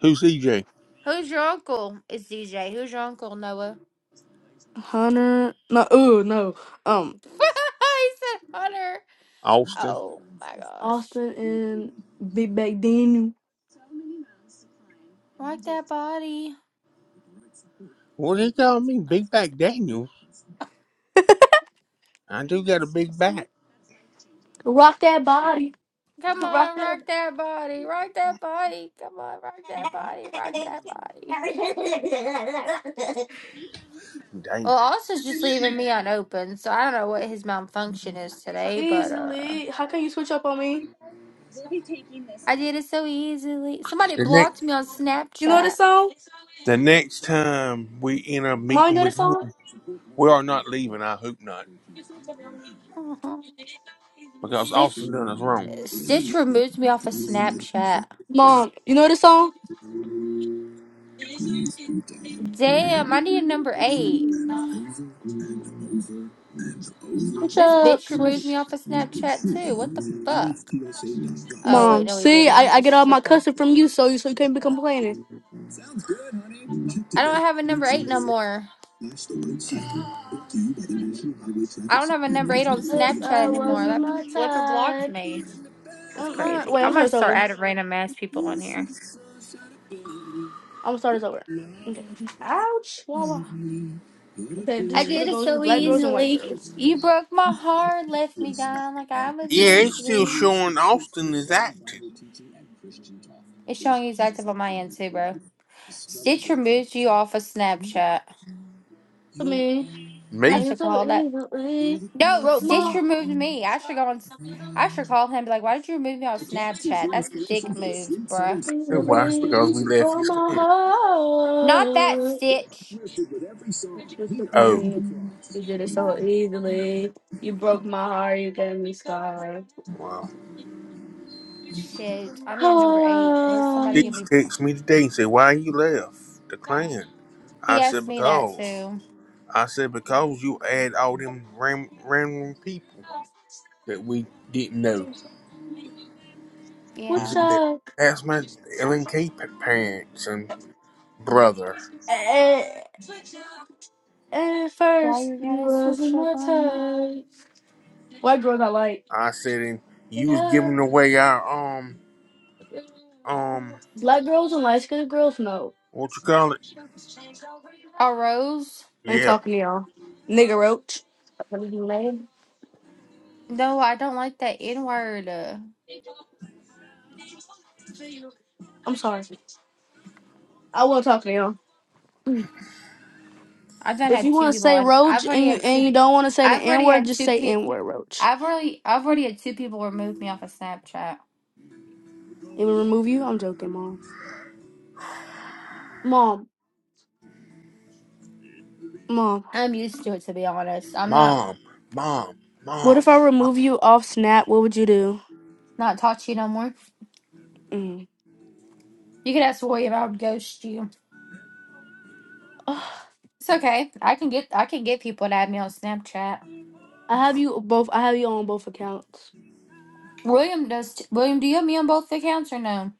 Speaker 4: who's EJ?
Speaker 3: Who's your uncle? It's DJ. Who's your uncle, Noah?
Speaker 2: Hunter, no, ooh, no. Um,
Speaker 3: he said Hunter.
Speaker 4: Austin.
Speaker 3: Oh, my gosh.
Speaker 2: Austin and Big Bang Daniel.
Speaker 3: Rock that body.
Speaker 4: Well, they call me Big Back Daniels. I do got a big back.
Speaker 2: Rock that body
Speaker 3: Come on, rock that body. Rock that body. Come on, rock that body. Rock that body.
Speaker 4: Dang.
Speaker 3: Well, Austin's just leaving me unopened, so I don't know what his malfunction is
Speaker 2: so
Speaker 3: today, but uh
Speaker 2: easily. How can you switch up on me?
Speaker 3: I did it so easily. Somebody
Speaker 4: The next
Speaker 3: blocked me on
Speaker 2: You know this
Speaker 3: Snapchat.
Speaker 2: song?
Speaker 4: the next time we end up
Speaker 2: Mom, you
Speaker 4: meeting
Speaker 2: know
Speaker 4: with
Speaker 2: this
Speaker 4: him,
Speaker 2: song?
Speaker 4: we are not leaving. I hope not.
Speaker 3: Uh-huh.
Speaker 4: because
Speaker 3: Stitch
Speaker 4: Austin done us wrong.
Speaker 3: Stitch removes me off of Snapchat.
Speaker 2: Mom, you know this song?
Speaker 3: Damn, I need a number eight. This bitch removes
Speaker 2: Switch.
Speaker 3: me off of Snapchat too. What the fuck? Oh
Speaker 2: Mom,
Speaker 3: wait, no he
Speaker 2: see,
Speaker 3: didn't.
Speaker 2: I,
Speaker 3: I'm
Speaker 2: I get
Speaker 3: just
Speaker 2: all my
Speaker 3: tripping.
Speaker 2: cussing from you, so you so you can't be complaining.
Speaker 3: I don't have a number eight no more. I don't have a number eight on
Speaker 2: Cause
Speaker 3: Snapchat
Speaker 2: I
Speaker 3: anymore.
Speaker 2: wasn't
Speaker 3: That
Speaker 2: my
Speaker 3: flipper blocked
Speaker 2: time.
Speaker 3: me. That's
Speaker 2: I'm not-
Speaker 3: crazy.
Speaker 2: Wait,
Speaker 3: I
Speaker 2: I'm sorry,
Speaker 3: might
Speaker 2: it's
Speaker 3: start
Speaker 2: over.
Speaker 3: adding random ass people on here.
Speaker 2: I'm gonna start this over. Okay. Ouch. Wow, wow. Okay, this
Speaker 3: I
Speaker 2: is for the
Speaker 3: did it
Speaker 2: girls, the
Speaker 3: so
Speaker 2: black girls and white
Speaker 3: easily.
Speaker 2: girls.
Speaker 3: You broke my heart, left me down like I was
Speaker 4: Yeah,
Speaker 3: meant
Speaker 4: it's
Speaker 3: to
Speaker 4: still
Speaker 3: be.
Speaker 4: showing Austin is acting.
Speaker 3: It's showing you it's active on my end too, bro. Stitch removed you off of Snapchat.
Speaker 2: For me.
Speaker 3: I
Speaker 4: Me?
Speaker 2: I
Speaker 3: should
Speaker 2: so
Speaker 3: call that.
Speaker 2: easily
Speaker 3: No,
Speaker 2: broke
Speaker 3: Stitch
Speaker 2: my
Speaker 3: removed me. I should go on. s- I should call him. and Be like, why did you remove me off Snapchat? That's dick moves, bruh.
Speaker 4: That's why. It's
Speaker 2: easily
Speaker 4: because we left
Speaker 2: broke
Speaker 4: his
Speaker 2: my
Speaker 4: command.
Speaker 3: Not that
Speaker 2: heart.
Speaker 3: Stitch.
Speaker 2: You took on
Speaker 4: Oh.
Speaker 2: me. You did it so easily. You broke my heart. You gave me scars.
Speaker 4: Wow.
Speaker 3: Shit, I need a number eight. Unless somebody
Speaker 4: He
Speaker 2: Hi,
Speaker 3: give
Speaker 4: you
Speaker 3: me.
Speaker 4: text me today and said, why you left the clan?
Speaker 3: He
Speaker 4: I said,
Speaker 3: asked me that
Speaker 4: because.
Speaker 3: too.
Speaker 4: I said, because you add all them ram- random people that we didn't know. He
Speaker 2: what's
Speaker 3: Yeah.
Speaker 4: said that
Speaker 2: up?
Speaker 4: that's my LNK pa- parents and brother.
Speaker 2: At, at
Speaker 3: Why
Speaker 2: first,
Speaker 3: you
Speaker 2: you
Speaker 3: gotta
Speaker 2: wasn't
Speaker 3: switch up
Speaker 2: my
Speaker 3: on me?
Speaker 2: type. White girls I like.
Speaker 4: I said, and you was giving away our um um
Speaker 2: Black girls and light skinned girls, no.
Speaker 4: what you call it?
Speaker 3: A rose?
Speaker 2: I ain't
Speaker 4: Yeah,
Speaker 2: talking to y'all. Nigga roach. What is your name?
Speaker 3: No, I don't like that N word. Uh,
Speaker 2: I'm sorry. I won't talk to y'all.
Speaker 3: I've done
Speaker 2: If
Speaker 3: had
Speaker 2: you
Speaker 3: two
Speaker 2: want to
Speaker 3: people.
Speaker 2: say
Speaker 3: I,
Speaker 2: roach
Speaker 3: I've already
Speaker 2: and you
Speaker 3: had
Speaker 2: and
Speaker 3: two.
Speaker 2: you don't want to say the
Speaker 3: I've
Speaker 2: N
Speaker 3: already
Speaker 2: word,
Speaker 3: had
Speaker 2: just
Speaker 3: two
Speaker 2: say
Speaker 3: people.
Speaker 2: N word roach.
Speaker 3: I've already. I've already had two people remove me off of Snapchat.
Speaker 2: And we remove you. I'm joking, mom. Mom, mom.
Speaker 3: I'm used to it, to be honest. I'm not
Speaker 4: mom, mom,
Speaker 2: What
Speaker 4: mom.
Speaker 2: if I
Speaker 4: mom.
Speaker 2: remove you off Snap? What would you do?
Speaker 3: not taught to you no more.
Speaker 2: Mm.
Speaker 3: You could ask William. I would ghost you.
Speaker 2: Ugh.
Speaker 3: It's okay. I can get. I can get people to add me on Snapchat.
Speaker 2: I have you both. I have you on both accounts.
Speaker 3: William does. T- William, do you have me on both accounts or no?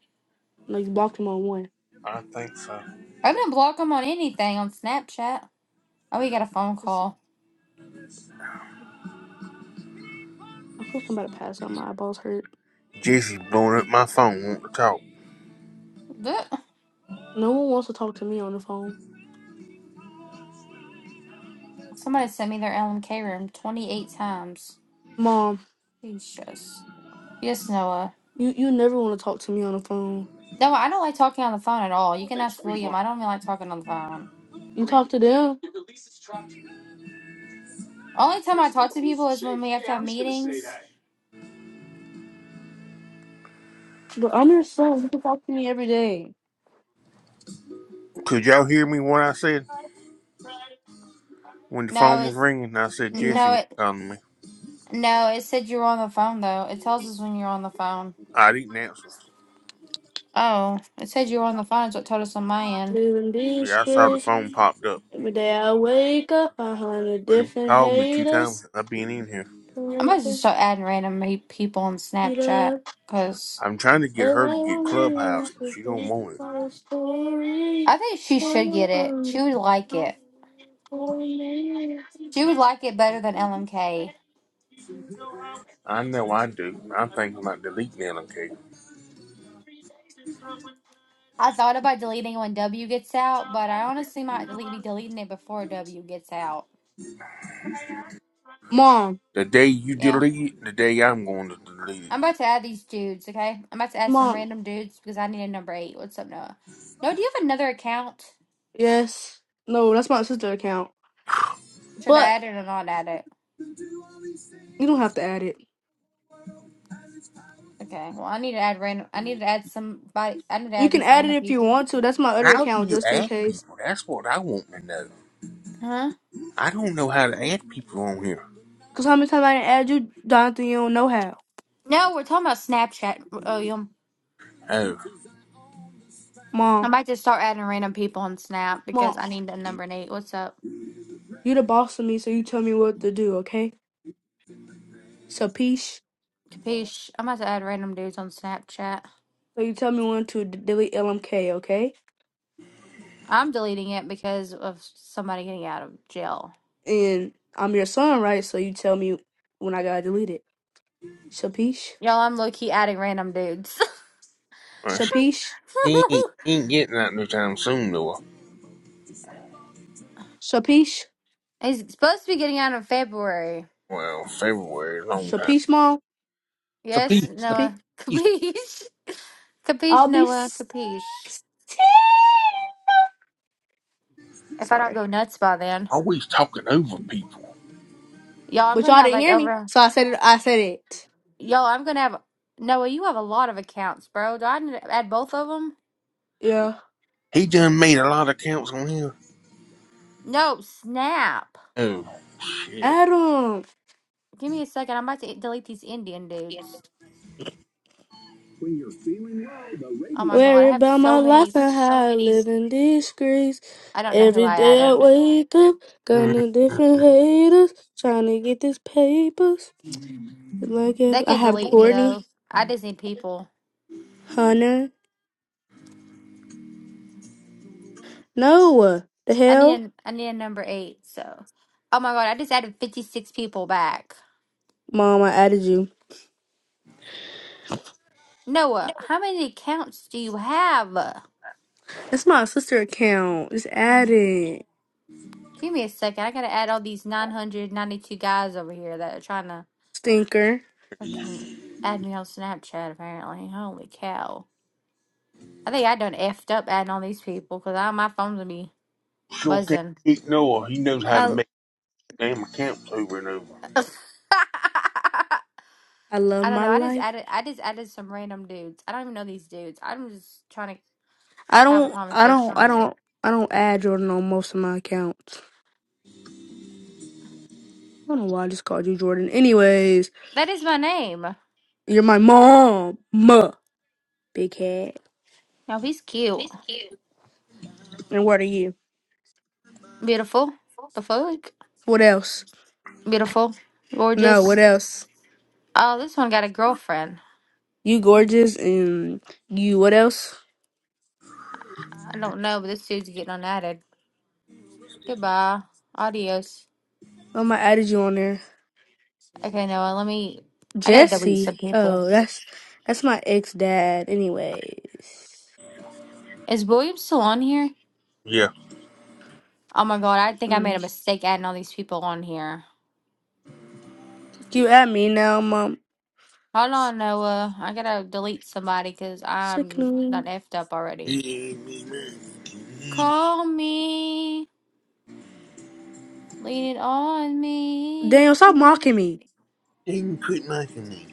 Speaker 2: No, you blocked him on one.
Speaker 4: I think so.
Speaker 3: I didn't block him on anything on Snapchat. Oh, we got a phone
Speaker 2: It's-
Speaker 3: call.
Speaker 2: I feel like I'm about to pass out. My eyeballs hurt.
Speaker 4: Jesse blowing up my phone. Want to talk?
Speaker 3: Ugh.
Speaker 2: No one wants to talk to me on the phone.
Speaker 3: Somebody sent me their LMK room 28 times.
Speaker 2: Mom,
Speaker 3: Jesus. Yes, Noah.
Speaker 2: you you never want to talk to me on the phone.
Speaker 3: No, I don't like talking on the phone at all. You can ask William. I don't really like talking on the phone.
Speaker 2: You talk to them,
Speaker 3: Only time I talk to people is when we have to have meetings.
Speaker 2: but I'm your son. You can talk to me every day.
Speaker 4: Could y'all hear me? What I said when the phone
Speaker 3: No,
Speaker 4: was
Speaker 3: it's
Speaker 4: ringing? I said
Speaker 2: You
Speaker 3: n-
Speaker 2: know,
Speaker 4: Jesse
Speaker 3: no,
Speaker 4: was
Speaker 3: it
Speaker 4: calling me.
Speaker 3: no. It said you were on the phone though. It tells us when you're on the phone.
Speaker 4: I didn't answer.
Speaker 3: Oh, it said you were on the phone. Is what told us on my end.
Speaker 2: living
Speaker 4: Yeah, I saw the
Speaker 2: these
Speaker 4: phone popped up.
Speaker 2: Every day I wake up, I hundred
Speaker 4: She
Speaker 2: different
Speaker 4: called me two times.
Speaker 2: haters.
Speaker 4: since I've been in here.
Speaker 3: I might
Speaker 2: Wake
Speaker 3: just
Speaker 2: up,
Speaker 3: start adding random me- people on Snapchat
Speaker 2: and
Speaker 3: because
Speaker 4: I'm trying to
Speaker 2: I
Speaker 4: get her to get
Speaker 2: don't really want
Speaker 4: Clubhouse. but
Speaker 2: to
Speaker 4: She don't
Speaker 2: see
Speaker 4: want it.
Speaker 2: my story.
Speaker 3: I think she should get it. She would like it. She would like it better than LMK.
Speaker 4: I know I do. I'm thinking about deleting that. okay?
Speaker 3: I thought about deleting it when W gets out, but I honestly might delete, be deleting it before W gets out.
Speaker 2: Mom,
Speaker 4: The day you
Speaker 3: Yeah.
Speaker 4: delete it, the day I'm going to delete it.
Speaker 3: I'm about to add these dudes, okay? I'm about to add some
Speaker 2: mom,
Speaker 3: random dudes because I need a number eight. What's up, Noah? No, do you have another account?
Speaker 2: yes. No, that's my sister account.
Speaker 3: Should I
Speaker 2: But
Speaker 3: add it or not add it?
Speaker 2: you don't have to add it.
Speaker 3: Okay. Well, I need to add random. I need to add somebody. I need to
Speaker 2: You
Speaker 3: add
Speaker 2: can
Speaker 3: these
Speaker 2: add it
Speaker 3: random
Speaker 2: if you
Speaker 3: people.
Speaker 2: want to. That's my other
Speaker 4: How do
Speaker 2: account,
Speaker 4: you
Speaker 2: just in
Speaker 4: add
Speaker 2: case.
Speaker 4: people? That's what I want to know.
Speaker 3: Huh?
Speaker 4: I don't know how to add people on here.
Speaker 2: Cause how many times I didn't add you, Jonathan? You don't know how.
Speaker 3: No, we're talking about Snapchat, William.
Speaker 4: Oh,
Speaker 3: I
Speaker 2: Mom,
Speaker 3: might just start adding random people on Snap
Speaker 2: mom,
Speaker 3: because I need a number eight. What's up?
Speaker 2: you the boss of me, so you tell me what to do, okay? So peace.
Speaker 3: Capiche? I'm about to add random dudes on Snapchat.
Speaker 2: So you tell me when to d- delete LMK, okay?
Speaker 3: I'm deleting it because of somebody getting out of jail.
Speaker 2: and I'm your son, right? So you tell me when I gotta delete it. Shapish,
Speaker 3: Y'all, I'm low key adding random dudes.
Speaker 4: well,
Speaker 2: Shapish,
Speaker 4: he ain't, he ain't getting out no time soon, though.
Speaker 2: Shapish,
Speaker 3: He's supposed to be getting out in February.
Speaker 4: Well, February, long time.
Speaker 2: Shapish, mom,
Speaker 4: So
Speaker 3: Yes,
Speaker 4: please,
Speaker 2: Shapish.
Speaker 3: Noah.
Speaker 4: he's
Speaker 3: Capiche. Capiche,
Speaker 2: I'll be
Speaker 3: Noah. Capiche.
Speaker 2: sixteen.
Speaker 3: If I don't
Speaker 2: Sorry,
Speaker 3: go nuts by then.
Speaker 4: always talking over people.
Speaker 3: Y'all, I'm
Speaker 2: but
Speaker 3: gonna
Speaker 2: y'all
Speaker 3: have
Speaker 2: didn't
Speaker 3: like
Speaker 2: hear me,
Speaker 3: over.
Speaker 2: so I said it. I said it.
Speaker 3: Y'all, I'm gonna have. Noah, you have a lot of accounts, bro. Do I need to add both of them?
Speaker 2: Yeah,
Speaker 4: He done made a lot of accounts on here.
Speaker 3: No, snap.
Speaker 4: Oh, shit.
Speaker 2: Adam.
Speaker 3: Give me a second. I'm about to delete these Indian dudes. Oh my god,
Speaker 2: Worry
Speaker 3: I have
Speaker 2: about my
Speaker 3: so many.
Speaker 2: life
Speaker 3: s-
Speaker 2: and how I live in disgrace.
Speaker 3: I don't know who
Speaker 2: Every
Speaker 3: I
Speaker 2: day I
Speaker 3: added.
Speaker 2: wake up,
Speaker 4: Mm,
Speaker 2: gonna different haters, trying to get this papers. Like if
Speaker 3: They
Speaker 2: I
Speaker 3: could
Speaker 2: have
Speaker 3: delete me though.
Speaker 2: Courtney,
Speaker 3: I just need people.
Speaker 2: Hunter. No, the
Speaker 3: I need
Speaker 2: hell,
Speaker 3: a, I need a number eight. So, oh my god, I just added fifty six people back.
Speaker 2: mom! I added you.
Speaker 3: Noah, how many accounts do you have?
Speaker 2: That's my sister account. It's
Speaker 3: Um,
Speaker 2: added,
Speaker 3: Give me a second. I gotta add all these nine hundred ninety two guys over here that are trying to
Speaker 2: stinker.
Speaker 3: fucking add me on Snapchat. Apparently, holy cow! I think I done effed up adding all these people because my phone's gonna be
Speaker 4: Sure can't
Speaker 3: buzzing.
Speaker 4: ignore. He knows how to
Speaker 2: I
Speaker 4: make damn accounts over and over.
Speaker 2: I love
Speaker 3: I don't know.
Speaker 2: my
Speaker 3: I just
Speaker 2: life.
Speaker 3: added. I just added some random dudes. I don't even know these dudes. I'm just trying to
Speaker 2: I
Speaker 3: have a
Speaker 2: don't. I don't.
Speaker 3: conversation
Speaker 2: I
Speaker 3: here.
Speaker 2: don't. I don't add Jordan on most of my accounts. I don't know why I just called you Jordan. Anyways,
Speaker 3: That is my name.
Speaker 2: you're my mom, ma, big head.
Speaker 3: Now he's cute,
Speaker 2: And what are you?
Speaker 3: beautiful, the fuck,
Speaker 2: What else?
Speaker 3: beautiful,
Speaker 2: No, what
Speaker 3: gorgeous.
Speaker 2: else?
Speaker 3: Oh, this one got a girlfriend.
Speaker 2: You gorgeous and you. What else?
Speaker 3: I don't know, but this dude's getting unadded. Goodbye. Adios.
Speaker 2: Um, I added you on there,
Speaker 3: Okay, Noah. Let me. I gotta delete some
Speaker 2: Jesse.
Speaker 3: people.
Speaker 2: Oh, that's that's my ex dad. Anyways.
Speaker 3: Is William still on here?
Speaker 4: Yeah.
Speaker 3: Oh my god, I think I made a
Speaker 2: Mm.
Speaker 3: mistake adding all these people on here.
Speaker 2: You at me now, mom.
Speaker 3: Hold
Speaker 2: S-
Speaker 3: on, Noah. I gotta delete somebody because I'm not
Speaker 2: Sickening.
Speaker 3: effed up already.
Speaker 4: Yeah, me, man.
Speaker 3: Call me, lean it on me.
Speaker 2: Daniel, stop mocking me,
Speaker 4: Didn't quit making me.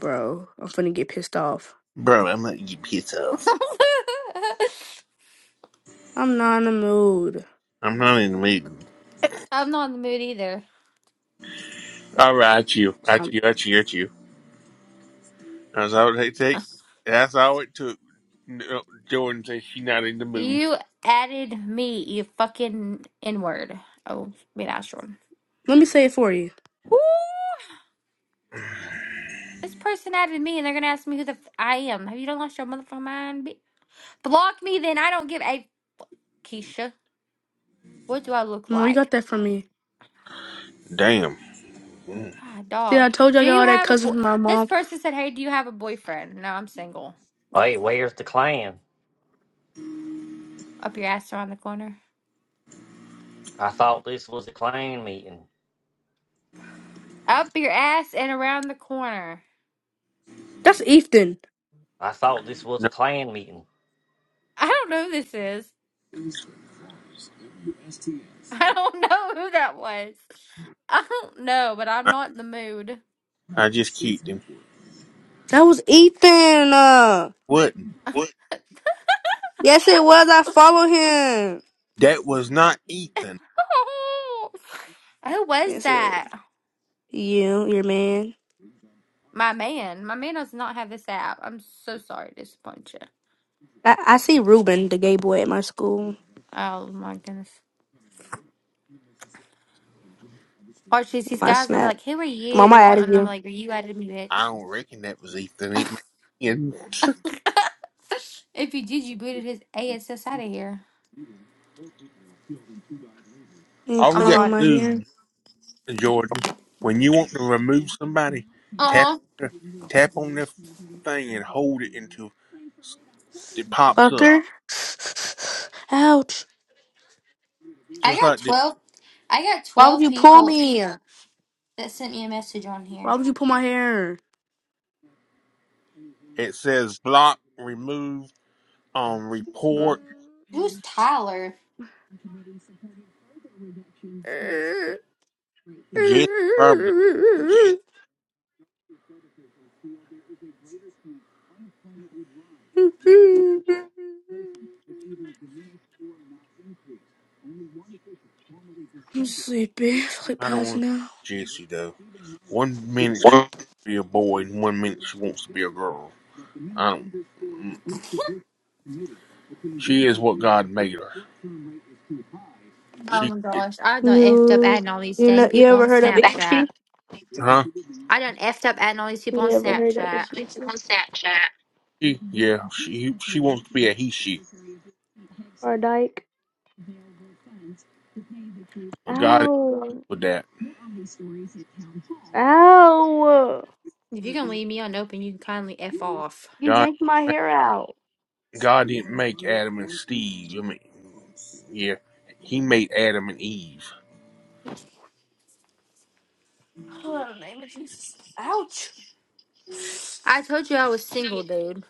Speaker 2: bro. I'm finna get pissed off.
Speaker 4: Bro, I'm gonna eat pizza off.
Speaker 2: I'm not in the mood.
Speaker 4: I'm not even waiting.
Speaker 3: I'm not in the mood either.
Speaker 4: All right, at you,
Speaker 2: So
Speaker 4: at
Speaker 2: I'm-
Speaker 4: you, at you, at you. That's all it take. That's all it took. No, Jordan says she not in the mood.
Speaker 3: You added me, you fucking N word. Oh, wait, Astro.
Speaker 2: let me say it for you.
Speaker 3: Woo! This person added me and they're gonna ask me who the f I am. Have you done lost your motherfucking mind? bi- Block me then. I don't give a. Keisha, what do I look
Speaker 2: Mom, you
Speaker 3: like?
Speaker 2: got that from me.
Speaker 4: Damn. Mm.
Speaker 3: God,
Speaker 2: See,
Speaker 3: dog.
Speaker 2: I told you I
Speaker 3: Do
Speaker 2: got
Speaker 3: you
Speaker 2: all that
Speaker 3: have a
Speaker 2: cousin
Speaker 3: boy?
Speaker 2: from my
Speaker 3: This
Speaker 2: mom.
Speaker 3: person said, "Hey, do you have a boyfriend?" No, I'm single.
Speaker 6: Oh, Hey, where's the clan?
Speaker 3: Up your ass around the corner.
Speaker 6: I thought this was a clan meeting.
Speaker 3: Up your ass and around the corner.
Speaker 2: That's Ethan.
Speaker 6: I thought this was a
Speaker 4: No,
Speaker 6: clan meeting.
Speaker 3: I don't know who this is. I don't know who that was. I don't know, but I'm
Speaker 4: I,
Speaker 3: not in the mood.
Speaker 4: I just kicked him.
Speaker 2: That was Ethan. Uh,
Speaker 4: What?
Speaker 2: yes, it was. I follow him.
Speaker 4: That was not Ethan.
Speaker 3: Oh, who was
Speaker 2: Yes, it was.
Speaker 3: that?
Speaker 2: You, your man.
Speaker 3: My man. My man does not have this app. I'm so sorry to disappoint you.
Speaker 2: I, I see Ruben, the gay boy at my school.
Speaker 3: Oh my goodness. Archie's these
Speaker 2: My
Speaker 3: guys are gonna be
Speaker 2: snap.
Speaker 3: like, "Who are
Speaker 2: Mama
Speaker 3: you?"
Speaker 2: added
Speaker 3: And I'm
Speaker 2: you.
Speaker 3: like, "Are you out of me,
Speaker 4: I
Speaker 3: bitch?"
Speaker 4: don't reckon that was Ethan. It might have been.
Speaker 3: If you did, you booted his ass out of here.
Speaker 2: You ain't
Speaker 4: All we
Speaker 3: I'm a
Speaker 2: playing
Speaker 4: got
Speaker 2: with
Speaker 3: hard.
Speaker 2: my
Speaker 4: to
Speaker 2: hair.
Speaker 4: do, Jordan, when you want to remove somebody,
Speaker 3: Uh
Speaker 4: tap
Speaker 3: huh.
Speaker 4: tap on the thing and hold it until it pops up.
Speaker 2: Fucker. Ouch.
Speaker 3: I
Speaker 4: Just like
Speaker 3: got
Speaker 4: this.
Speaker 3: twelve. I got
Speaker 2: Why would
Speaker 3: twelve
Speaker 2: you pull
Speaker 3: people
Speaker 2: me?
Speaker 3: that sent me a message on
Speaker 2: Why
Speaker 3: here.
Speaker 2: would you pull my hair?
Speaker 4: It says block removed on report.
Speaker 3: Who's Tyler?
Speaker 4: Jesse probably.
Speaker 2: I'm sleepy. Sleep
Speaker 4: I don't
Speaker 2: past
Speaker 4: want
Speaker 2: now.
Speaker 4: to see Jesse though. One minute she wants to be a boy, and one minute she wants to be a girl. I don't. She is what God made her.
Speaker 3: Oh
Speaker 4: She,
Speaker 3: my gosh, I done effed up
Speaker 2: You
Speaker 3: adding all these
Speaker 2: you
Speaker 3: dang
Speaker 2: know you
Speaker 3: people on
Speaker 2: ever heard of
Speaker 3: Snapchat.
Speaker 2: Exactly.
Speaker 4: huh?
Speaker 3: I done effed up adding all these people
Speaker 2: you
Speaker 3: on
Speaker 2: ever heard of
Speaker 3: Snapchat.
Speaker 4: She, yeah. She she wants to be a he she,
Speaker 2: or dyke?
Speaker 4: but God ain't
Speaker 2: Ow.
Speaker 4: with that.
Speaker 2: Ow.
Speaker 3: If you can leave me unopened, you can kindly f off.
Speaker 2: You
Speaker 4: God
Speaker 2: yanked my
Speaker 4: made,
Speaker 2: hair out.
Speaker 4: God didn't make Adam and Steve. I mean, yeah, He made Adam and Eve.
Speaker 2: Oh, in the name of Jesus. Ouch.
Speaker 3: I told you I was single, dude.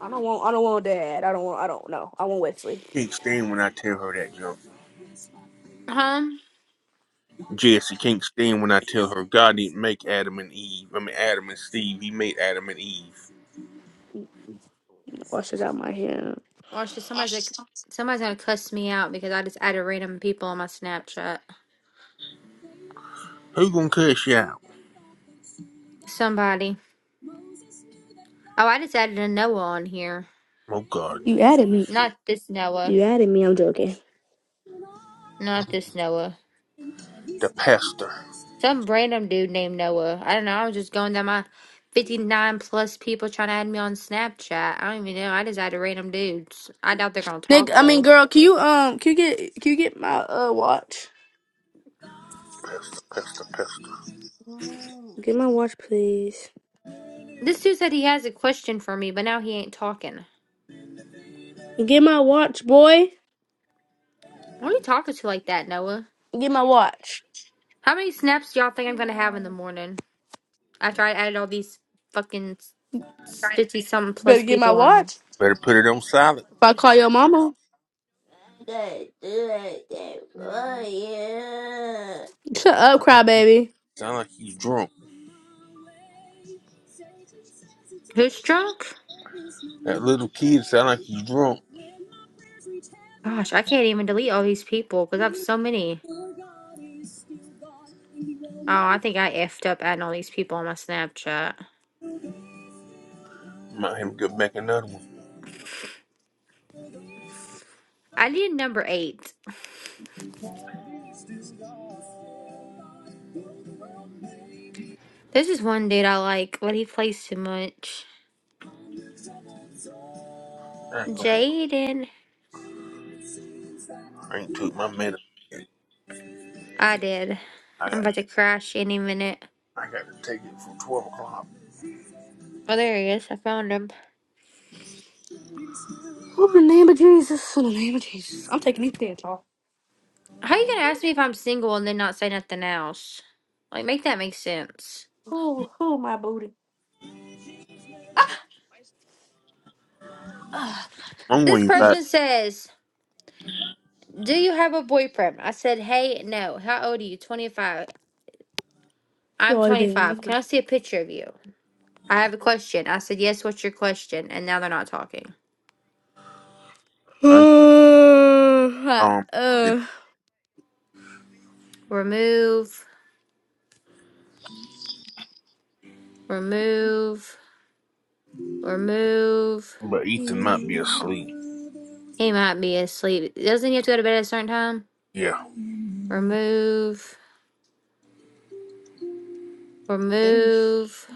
Speaker 2: I don't want I don't want dad. I don't want I don't know. I want Wesley.
Speaker 4: Can't stand when I tell her that junk.
Speaker 3: Huh?
Speaker 4: Jesse can't stand when I tell her God didn't make Adam and Eve. I mean Adam and Steve. He made Adam and Eve.
Speaker 2: Washes out my hair.
Speaker 3: Or should somebody's like somebody's gonna cuss me out because I just added random people on my Snapchat.
Speaker 4: Who gonna cuss you out?
Speaker 3: Somebody. Oh, I just added a Noah on here.
Speaker 4: Oh God,
Speaker 2: You added me.
Speaker 3: Not this Noah.
Speaker 2: You added me. I'm joking.
Speaker 3: Not this Noah.
Speaker 4: the pastor,
Speaker 3: Some random dude named Noah. I don't know. I was just going down my 59 plus people trying to add me on Snapchat. I don't even know. I just added random dudes. I doubt they're going to
Speaker 2: Nick,
Speaker 3: talk,
Speaker 2: I
Speaker 3: though.
Speaker 2: mean, girl, can you um, can you get, can you get my uh watch?
Speaker 4: pastor, pastor, pastor.
Speaker 2: Get my watch, please.
Speaker 3: This dude said he has a question for me, but now he ain't talking.
Speaker 2: Get my watch, boy.
Speaker 3: What are you talking to like that, Noah?
Speaker 2: Get my watch.
Speaker 3: How many snaps do y'all think I'm going to have in the morning after I added all these fucking 50 something
Speaker 2: Better
Speaker 3: plus
Speaker 2: get my
Speaker 3: people on? here?
Speaker 2: watch.
Speaker 4: Better put it on silent.
Speaker 2: If I call your mama, shut up,
Speaker 4: Sound like
Speaker 2: crybaby.
Speaker 4: sound like he's drunk.
Speaker 3: Who's drunk?
Speaker 4: That little kid sound like he's drunk.
Speaker 3: Gosh, I can't even delete all these people because I have so many. Oh, I think I effed up adding all these people on my Snapchat.
Speaker 4: Might have to go back another one.
Speaker 3: I did number eight. This is one dude I like, but he plays too much.
Speaker 4: I ain't, gonna,
Speaker 3: Jaden.
Speaker 4: I ain't took my medicine.
Speaker 3: I did.
Speaker 4: I
Speaker 3: I'm
Speaker 4: got
Speaker 3: about to crash any minute.
Speaker 4: I got to take it from twelve o'clock.
Speaker 3: Oh, there he is. I found him.
Speaker 2: Oh, in the name of Jesus. In the name of Jesus. I'm taking these pants off.
Speaker 3: How you gonna ask me if I'm single and then not say nothing else? Like, make that make sense.
Speaker 2: Uh,
Speaker 4: I'm
Speaker 3: This
Speaker 4: going back.
Speaker 3: person says, Do you have a boyfriend? I said, Hey, no. How old are you? 25. I'm
Speaker 2: Boy, then.
Speaker 3: 25. Can I see a picture of you? I have a question. I said, yes, what's your question? And now they're not talking.
Speaker 4: I
Speaker 2: Uh,
Speaker 4: um.
Speaker 2: uh,
Speaker 3: Remove, remove, remove.
Speaker 4: But Ethan might be asleep.
Speaker 3: He might be asleep. Doesn't he have to go to bed at a certain time?
Speaker 4: Yeah.
Speaker 3: Remove, remove.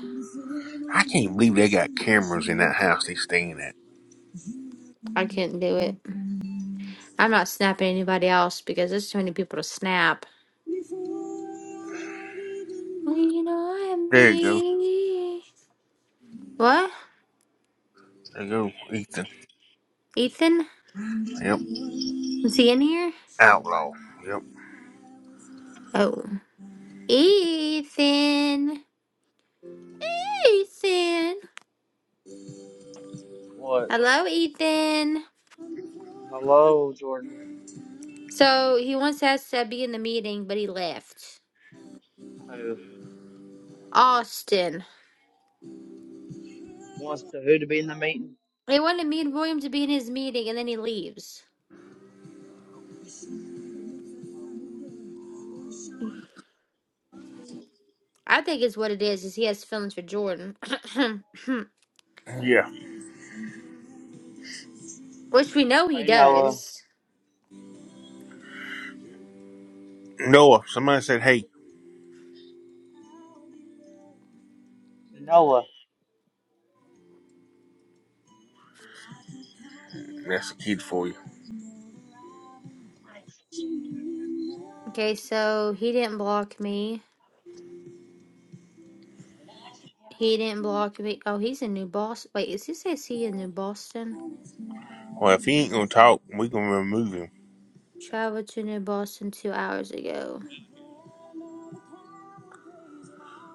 Speaker 4: I can't believe they got cameras in that house they staying at.
Speaker 3: I couldn't do it. I'm not snapping anybody else because there's too many people to snap. Well, you know what I
Speaker 4: There you go.
Speaker 3: mean. What?
Speaker 4: There you go, Ethan.
Speaker 3: Ethan?
Speaker 4: Yep.
Speaker 3: Is he in here?
Speaker 4: Outlaw. Yep.
Speaker 3: Oh. Ethan. Ethan.
Speaker 7: What?
Speaker 3: Hello, Ethan.
Speaker 7: Hello, Jordan.
Speaker 3: So he once asked Sebby in the meeting, but he left.
Speaker 7: Who
Speaker 3: Austin.
Speaker 7: wants to who to be in the meeting?
Speaker 3: He wanted me and William to be in his meeting, and then he leaves. I think it's what it is, is he has feelings for Jordan.
Speaker 4: Yeah.
Speaker 7: Hmm.
Speaker 3: Which we know he
Speaker 7: Hey, Noah.
Speaker 3: does.
Speaker 4: Noah, somebody said, hey,
Speaker 7: Hey, Noah.
Speaker 4: that's a kid for you.
Speaker 3: Okay, so he didn't block me. He didn't block me. Oh, he's in New Boston. Wait, is he says he in New Boston?
Speaker 4: Well,
Speaker 7: Hmm.
Speaker 4: if he ain't gonna talk, we gonna remove him.
Speaker 3: Traveled to New Boston two hours ago.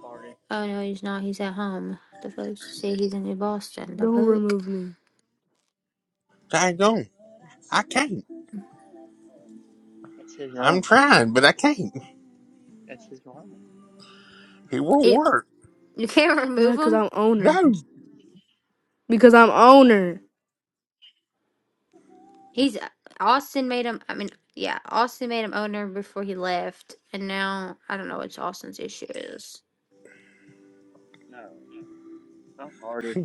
Speaker 7: Farted.
Speaker 3: Oh no, he's not. He's at home. The folks say he's in New Boston. The
Speaker 2: don't
Speaker 3: fuck?
Speaker 2: remove me.
Speaker 4: Daggone. I can't.
Speaker 7: That's his
Speaker 4: I'm
Speaker 7: room.
Speaker 4: trying, but I can't.
Speaker 7: That's his room.
Speaker 4: It won't
Speaker 3: You,
Speaker 4: work.
Speaker 3: you can't
Speaker 2: Yeah,
Speaker 3: remove
Speaker 2: because
Speaker 3: him?
Speaker 2: I'm owner.
Speaker 4: No.
Speaker 2: Because I'm owner.
Speaker 3: He's uh, Austin made him. I mean, yeah, Austin made him owner before he left, and now I don't know what Austin's issue is.
Speaker 7: No, I farted.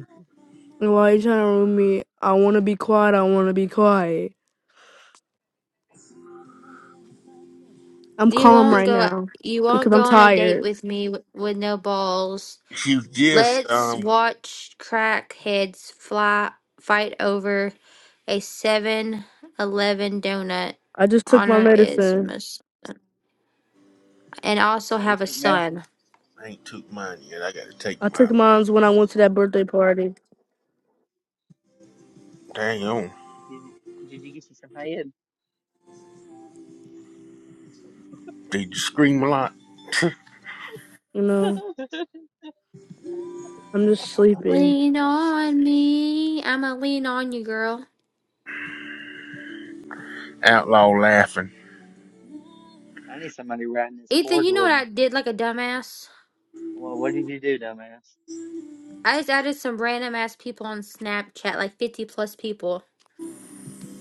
Speaker 2: Why are you trying to ruin me? I want to be quiet. I want to be quiet. I'm
Speaker 3: You
Speaker 4: You
Speaker 2: calm
Speaker 3: won't
Speaker 4: just,
Speaker 2: right
Speaker 3: go.
Speaker 2: now
Speaker 3: You won't
Speaker 2: because I'm
Speaker 3: go on a date
Speaker 2: tired.
Speaker 3: with me with, with no balls.
Speaker 4: you just
Speaker 3: Let's
Speaker 4: um,
Speaker 3: watch crackheads fly fight over a Seven Eleven donut.
Speaker 2: I just took my
Speaker 3: Honor is
Speaker 2: medicine.
Speaker 3: must, and also
Speaker 7: Oh, you
Speaker 3: have a
Speaker 7: take medicine?
Speaker 3: son.
Speaker 4: I ain't took mine yet. I gotta take
Speaker 2: I took
Speaker 4: mine.
Speaker 2: mine when I went to that birthday party.
Speaker 4: Dang on.
Speaker 7: Did you, did you get you some head?
Speaker 4: Did you scream a lot?
Speaker 2: You know, I'm just sleepy.
Speaker 3: Lean on me. I'ma lean on you, girl.
Speaker 4: Outlaw laughing.
Speaker 7: I need somebody riding this
Speaker 3: Ethan,
Speaker 7: board
Speaker 3: you know
Speaker 7: with
Speaker 3: what
Speaker 7: me.
Speaker 3: I did like a dumbass?
Speaker 7: Well, what did you do, dumbass?
Speaker 3: I just added some random ass people on Snapchat, like fifty plus people.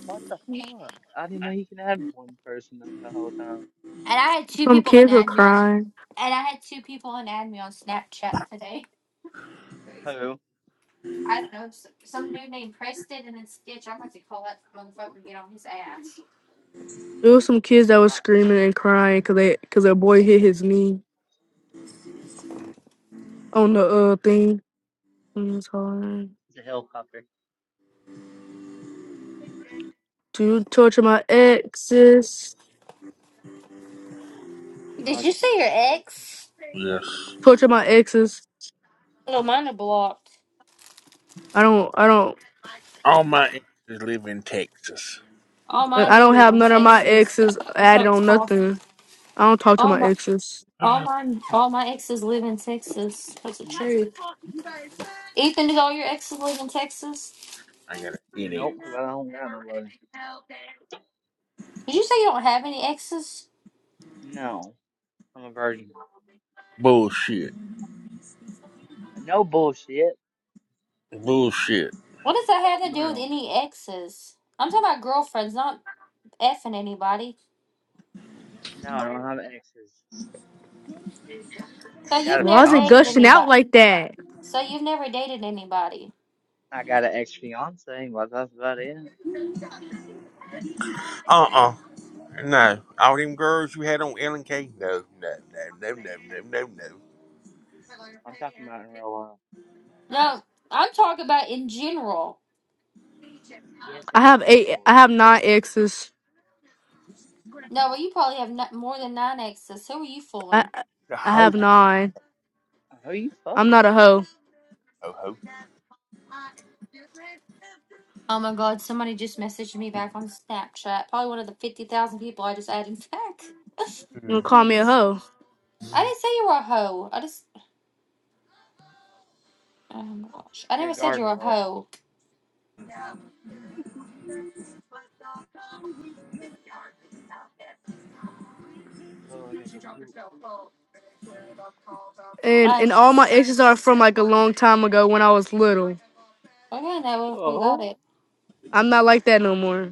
Speaker 7: What the fuck? I didn't know you can add one person up the whole time.
Speaker 3: And I had two
Speaker 2: Some
Speaker 3: people on
Speaker 2: kids were
Speaker 3: add me on,
Speaker 2: crying.
Speaker 3: and I had two people on add me on Snapchat today. Crazy.
Speaker 7: Who?
Speaker 3: I don't know. s- Some dude named Preston and then Stitch. I'm about to call that motherfucker and get on his ass.
Speaker 2: There was some kids that were
Speaker 7: Uh,
Speaker 2: screaming and crying because they because their boy hit his knee on the uh thing. It was hard.
Speaker 7: it's a helicopter.
Speaker 2: Do you torture my exes?
Speaker 7: No,
Speaker 3: Did
Speaker 7: it's
Speaker 3: you say
Speaker 7: getting
Speaker 3: your
Speaker 7: short.
Speaker 3: ex?
Speaker 4: Yes.
Speaker 2: Torture my exes.
Speaker 3: Oh, mine are blocked.
Speaker 2: I don't. I don't.
Speaker 4: All my exes live in Texas.
Speaker 3: All mine
Speaker 2: I don't
Speaker 3: do live
Speaker 2: have
Speaker 3: in
Speaker 2: none of my
Speaker 3: Texas.
Speaker 2: exes
Speaker 3: I'm
Speaker 2: added
Speaker 3: about to
Speaker 2: on
Speaker 3: call-
Speaker 2: nothing. I don't talk to
Speaker 3: All
Speaker 2: my
Speaker 3: my,
Speaker 2: exes.
Speaker 3: all
Speaker 4: I
Speaker 3: my, all my exes live in Texas. That's the truth. Ethan, did all your exes live in Texas?
Speaker 4: got a headache.
Speaker 7: Nope, 'cause I don't got nobody.
Speaker 3: Did you say you don't have any exes?
Speaker 7: No, I'm a virgin.
Speaker 4: Bullshit.
Speaker 7: No bullshit.
Speaker 4: Bullshit.
Speaker 3: What does that have to do with
Speaker 7: No,
Speaker 3: any exes? I'm talking about girlfriends, not effing anybody.
Speaker 7: no, I don't have exes.
Speaker 3: So
Speaker 7: I got
Speaker 3: you've
Speaker 7: a
Speaker 2: Why
Speaker 3: never
Speaker 2: is it
Speaker 7: fiance.
Speaker 3: dated
Speaker 2: gushing out
Speaker 3: anybody.
Speaker 2: like that?
Speaker 3: So you've never dated anybody.
Speaker 7: I got an ex fiance, but that's about it.
Speaker 4: Uh uh No. All them girls you had on L and K. No, no, no, no, no, no, no, no.
Speaker 7: I'm talking about in real life.
Speaker 3: No, I'm talking about in general.
Speaker 7: Yes,
Speaker 2: I
Speaker 7: in
Speaker 2: have eight. I
Speaker 7: general.
Speaker 2: have
Speaker 7: So,
Speaker 2: nine exes.
Speaker 3: No, well, you probably have not, more than nine exes. Who are you
Speaker 2: I
Speaker 3: fooling?
Speaker 4: The
Speaker 2: I have
Speaker 4: ho
Speaker 2: nine.
Speaker 7: who you
Speaker 2: I'm
Speaker 7: fucking?
Speaker 2: not a hoe.
Speaker 4: ho
Speaker 3: Oh my God! Somebody just messaged me back on Snapchat. Probably one of the fifty thousand people I just added back.
Speaker 2: You gonna call
Speaker 3: Um,
Speaker 2: me a hoe?
Speaker 3: I didn't say you were a hoe. I just, oh my gosh, I
Speaker 7: You're a
Speaker 3: never said you
Speaker 7: garden
Speaker 3: were a
Speaker 7: hoe.
Speaker 3: hoe.
Speaker 7: Oh, I gotta go poop.
Speaker 2: And
Speaker 3: I
Speaker 2: and all my
Speaker 3: just,
Speaker 2: exes are from like a long time ago when I was little.
Speaker 3: okay, now we we got
Speaker 7: Oh,
Speaker 3: it.
Speaker 2: I'm not like that no more.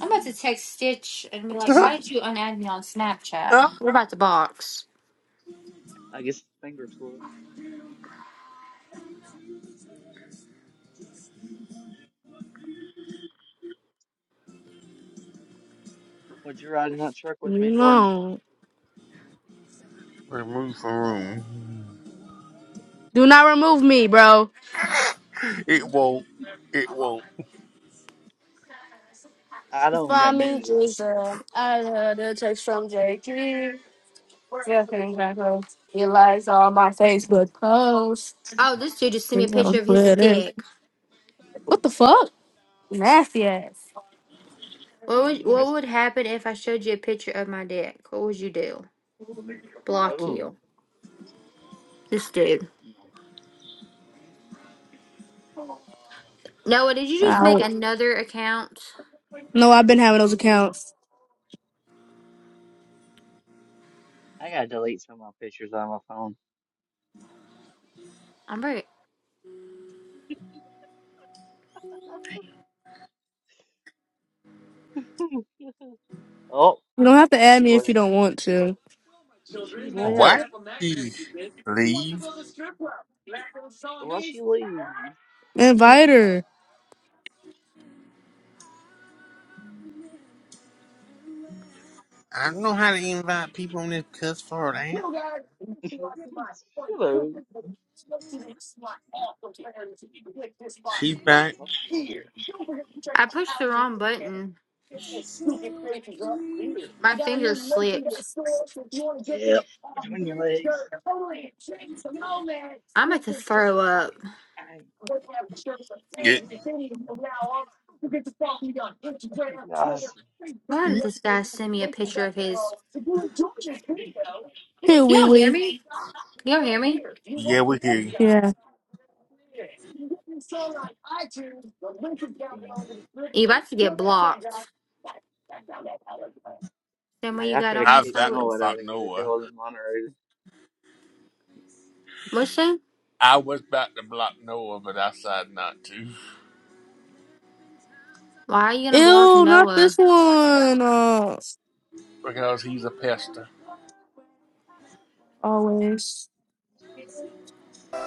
Speaker 3: I'm about to text Stitch and be like, why did you unadd me on Snapchat?
Speaker 4: ho.
Speaker 3: We're about to box.
Speaker 7: I guess it's finger slip. Would you ride in that truck with
Speaker 2: You
Speaker 7: me, Jordan?
Speaker 2: know.
Speaker 4: Remove from room.
Speaker 2: Do not remove me, bro.
Speaker 4: It won't. It won't.
Speaker 7: I
Speaker 2: You
Speaker 7: don't got
Speaker 2: Find me,
Speaker 7: many.
Speaker 2: Jesus. I heard a text from JT. Yeah, thank God. He likes all my Facebook posts.
Speaker 3: Oh, this dude just sent me a
Speaker 2: He's on
Speaker 3: picture of his
Speaker 2: Twitter.
Speaker 3: dick.
Speaker 2: What the fuck? Nasty ass.
Speaker 3: What
Speaker 7: You
Speaker 3: would what would
Speaker 7: nasty.
Speaker 3: happen if I showed you a picture of my dick? What would you do? Block
Speaker 7: Oh,
Speaker 3: you. This dude.
Speaker 7: no.
Speaker 3: Noah, did you just make
Speaker 2: Ow.
Speaker 3: another account?
Speaker 2: No, I've been having those accounts.
Speaker 7: I gotta delete some of my pictures on my phone.
Speaker 3: I'm right.
Speaker 7: Oh,
Speaker 2: You don't have to add
Speaker 7: she
Speaker 2: me if you
Speaker 7: left.
Speaker 2: don't want to.
Speaker 7: She left.
Speaker 4: Why did she leave?
Speaker 7: Why she leave?
Speaker 2: Invite her.
Speaker 4: I don't know how to invite people on this cuss for that.
Speaker 7: Hello.
Speaker 4: She's
Speaker 7: My
Speaker 4: back.
Speaker 7: stuff's going.
Speaker 3: I pushed the wrong button. My finger slipped.
Speaker 7: Yep. Between your legs.
Speaker 3: I'm about to throw up.
Speaker 7: I,
Speaker 4: Yeah,
Speaker 7: gosh,
Speaker 3: Why did this guy send me a picture of his?
Speaker 2: Hey,
Speaker 3: Can
Speaker 2: wee
Speaker 3: y'all hear
Speaker 2: wee.
Speaker 3: me? Can y'all hear me?
Speaker 4: yeah, we hear you.
Speaker 2: Yeah.
Speaker 7: damn.
Speaker 3: You about to get blocked. Then what
Speaker 7: Hey,
Speaker 3: you
Speaker 7: I
Speaker 3: got
Speaker 7: could have
Speaker 3: on this
Speaker 4: I've
Speaker 7: kicked
Speaker 3: hoe
Speaker 4: got the
Speaker 7: Noah out
Speaker 3: is
Speaker 7: of
Speaker 4: block
Speaker 7: here if it
Speaker 4: Noah.
Speaker 7: wasn't moderated.
Speaker 3: what's that?
Speaker 4: I was about to block Noah, but I decided not to
Speaker 3: Why are you gonna block
Speaker 2: Ew, not this
Speaker 3: Noah?
Speaker 2: one. Uh,
Speaker 4: because he's a pester.
Speaker 2: always.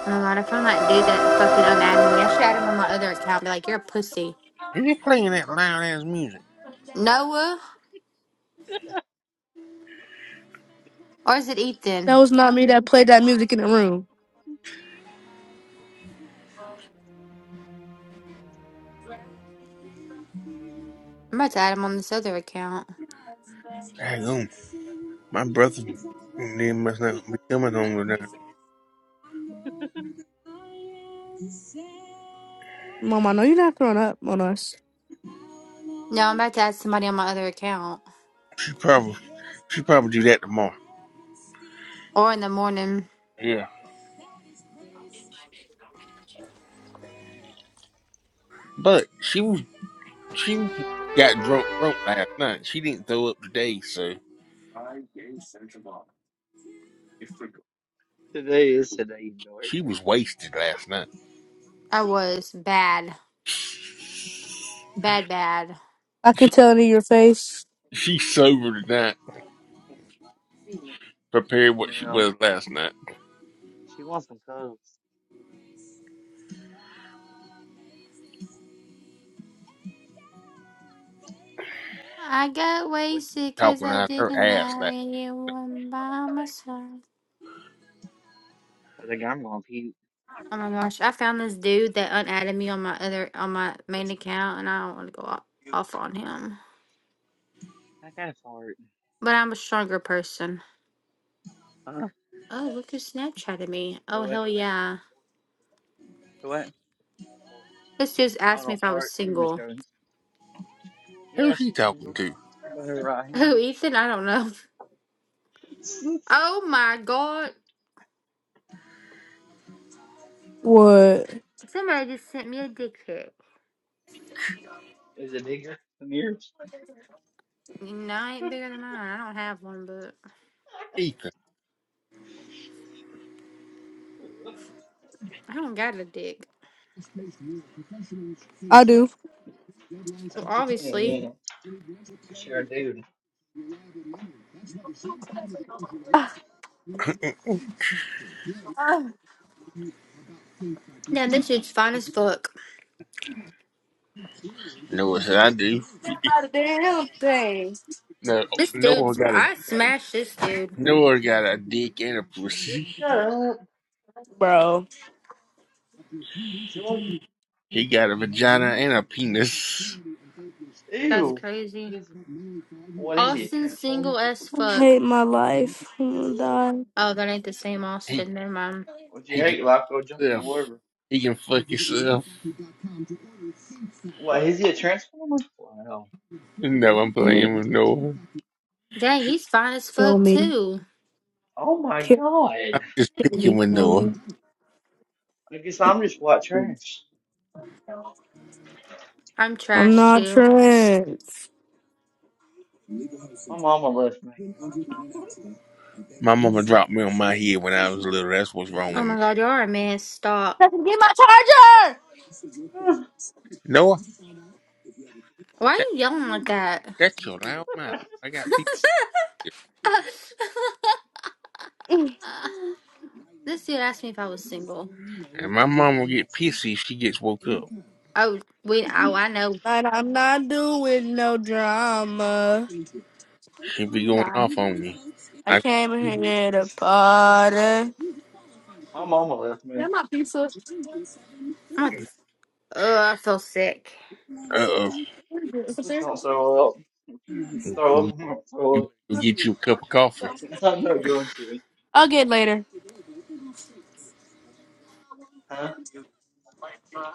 Speaker 3: Oh my god, I found that dude that fucking unadded me. I should add him on my other account. Be like, you're a pussy.
Speaker 4: Who's playing that loud ass music?
Speaker 3: Noah? Or is it Ethan?
Speaker 2: That was not me that played that music in the room.
Speaker 3: I'm about to add him on this other account.
Speaker 4: Hang on, my brother. Then must not be coming home tonight.
Speaker 2: Mama, no, you're not throwing up on us.
Speaker 3: No, I'm about to add somebody on my other account.
Speaker 4: She probably she probably do that tomorrow.
Speaker 3: Or in the morning,
Speaker 4: Yeah, but she was she got drunk drunk last night. She didn't throw up today, so
Speaker 7: Today is today, dork.
Speaker 4: she was wasted last night.
Speaker 3: I was bad. Bad, bad.
Speaker 2: I can tell it in your face
Speaker 4: She's sober tonight, compared to
Speaker 7: You
Speaker 4: what she
Speaker 7: know,
Speaker 4: was last night,
Speaker 7: she wants some cubs.
Speaker 3: I got
Speaker 7: What?
Speaker 3: wasted because
Speaker 4: talking
Speaker 3: I
Speaker 4: out her
Speaker 3: didn't
Speaker 4: ass last.
Speaker 3: have
Speaker 4: Night.
Speaker 3: anyone by my side.
Speaker 7: I think I'm gonna puke.
Speaker 3: Oh my gosh, I found this dude that unadded me on my other on my main account, and I don't want to go o- off on him.
Speaker 7: I gotta fart.
Speaker 3: But I'm a stronger person.
Speaker 7: Huh?
Speaker 3: Oh, look who Snapchatted me. Oh,
Speaker 7: Do it.
Speaker 3: hell yeah.
Speaker 7: Do it.
Speaker 3: This just
Speaker 7: I
Speaker 3: asked me
Speaker 7: don't
Speaker 3: if I was
Speaker 7: fart. I'm just
Speaker 3: single.
Speaker 7: joking. Yeah,
Speaker 4: Who's she
Speaker 7: she's
Speaker 4: talking
Speaker 7: single.
Speaker 4: to?
Speaker 7: But her right hand
Speaker 3: Who, Ethan? I don't know. Oh my god.
Speaker 2: what
Speaker 3: Somebody just sent me a dick pic.
Speaker 7: is a digger. Amir.
Speaker 3: No, I ain't bigger than mine. I don't have one, but
Speaker 4: Ethan.
Speaker 3: I don't got a dick.
Speaker 2: I do.
Speaker 3: Well,
Speaker 7: Yeah, yeah.
Speaker 3: obviously.
Speaker 7: yeah. 'cause you're a dude.
Speaker 3: Now, this dude's fine as fuck.
Speaker 4: Noah said I do.
Speaker 2: By the damn thing.
Speaker 4: No,
Speaker 3: This
Speaker 4: Noah
Speaker 3: dude's.
Speaker 4: got a
Speaker 3: I smashed this dude.
Speaker 4: Noah got a dick and a
Speaker 7: Would you
Speaker 4: pussy.
Speaker 7: shut up,
Speaker 2: Bro.
Speaker 7: Jordan?
Speaker 4: He got a vagina and a penis.
Speaker 3: That's
Speaker 7: Ew.
Speaker 3: crazy.
Speaker 7: He's what is he, a
Speaker 3: Austin,
Speaker 7: transformer?
Speaker 3: single as
Speaker 2: I
Speaker 3: fuck.
Speaker 2: hate my life. I'm gonna die.
Speaker 3: Oh, that ain't the same
Speaker 4: He
Speaker 3: Austin. Never mind.
Speaker 7: Would you
Speaker 4: he can
Speaker 7: hate life go jump in the
Speaker 4: himself.
Speaker 7: water.
Speaker 4: He can fuck himself.
Speaker 7: What is he a transformer? Wow.
Speaker 4: No, I'm
Speaker 2: Kill me.
Speaker 4: playing with Noah.
Speaker 3: Dang, he's fine as
Speaker 2: Kill
Speaker 3: fuck,
Speaker 2: me.
Speaker 3: too.
Speaker 7: Oh my
Speaker 2: Kill
Speaker 7: god.
Speaker 4: I'm just picking
Speaker 2: me.
Speaker 4: with
Speaker 2: Kill
Speaker 4: Noah.
Speaker 2: me.
Speaker 7: I guess I'm just white trash.
Speaker 3: I'm
Speaker 2: I'm
Speaker 3: trash,
Speaker 2: not
Speaker 3: too.
Speaker 2: trans.
Speaker 7: My mama left me.
Speaker 4: My mama dropped me on my head when I was little. That's what's wrong
Speaker 3: Oh
Speaker 4: with
Speaker 3: my
Speaker 4: me.
Speaker 3: god, you are a man. Stop.
Speaker 2: Get my charger!
Speaker 4: Noah,
Speaker 3: Why are
Speaker 4: shut,
Speaker 3: you yelling like that?
Speaker 4: shut your loud mouth. I got people here.
Speaker 3: this dude asked me if I was single.
Speaker 4: And my mama get pissy if she gets woke up.
Speaker 3: Oh, we. Oh, I know.
Speaker 2: And I'm not doing no drama.
Speaker 4: She be going off on me.
Speaker 2: I
Speaker 4: I uh,
Speaker 2: came here to party.
Speaker 7: my mama left me.
Speaker 3: I'm like, ugh, I feel sick.
Speaker 4: oh,
Speaker 7: Please don't throw up. If you throw up,
Speaker 4: you
Speaker 7: I'm gonna throw
Speaker 4: better
Speaker 7: up.
Speaker 4: go get you a cup of coffee.
Speaker 7: I'm not going to.
Speaker 2: I'll get later.
Speaker 7: Huh?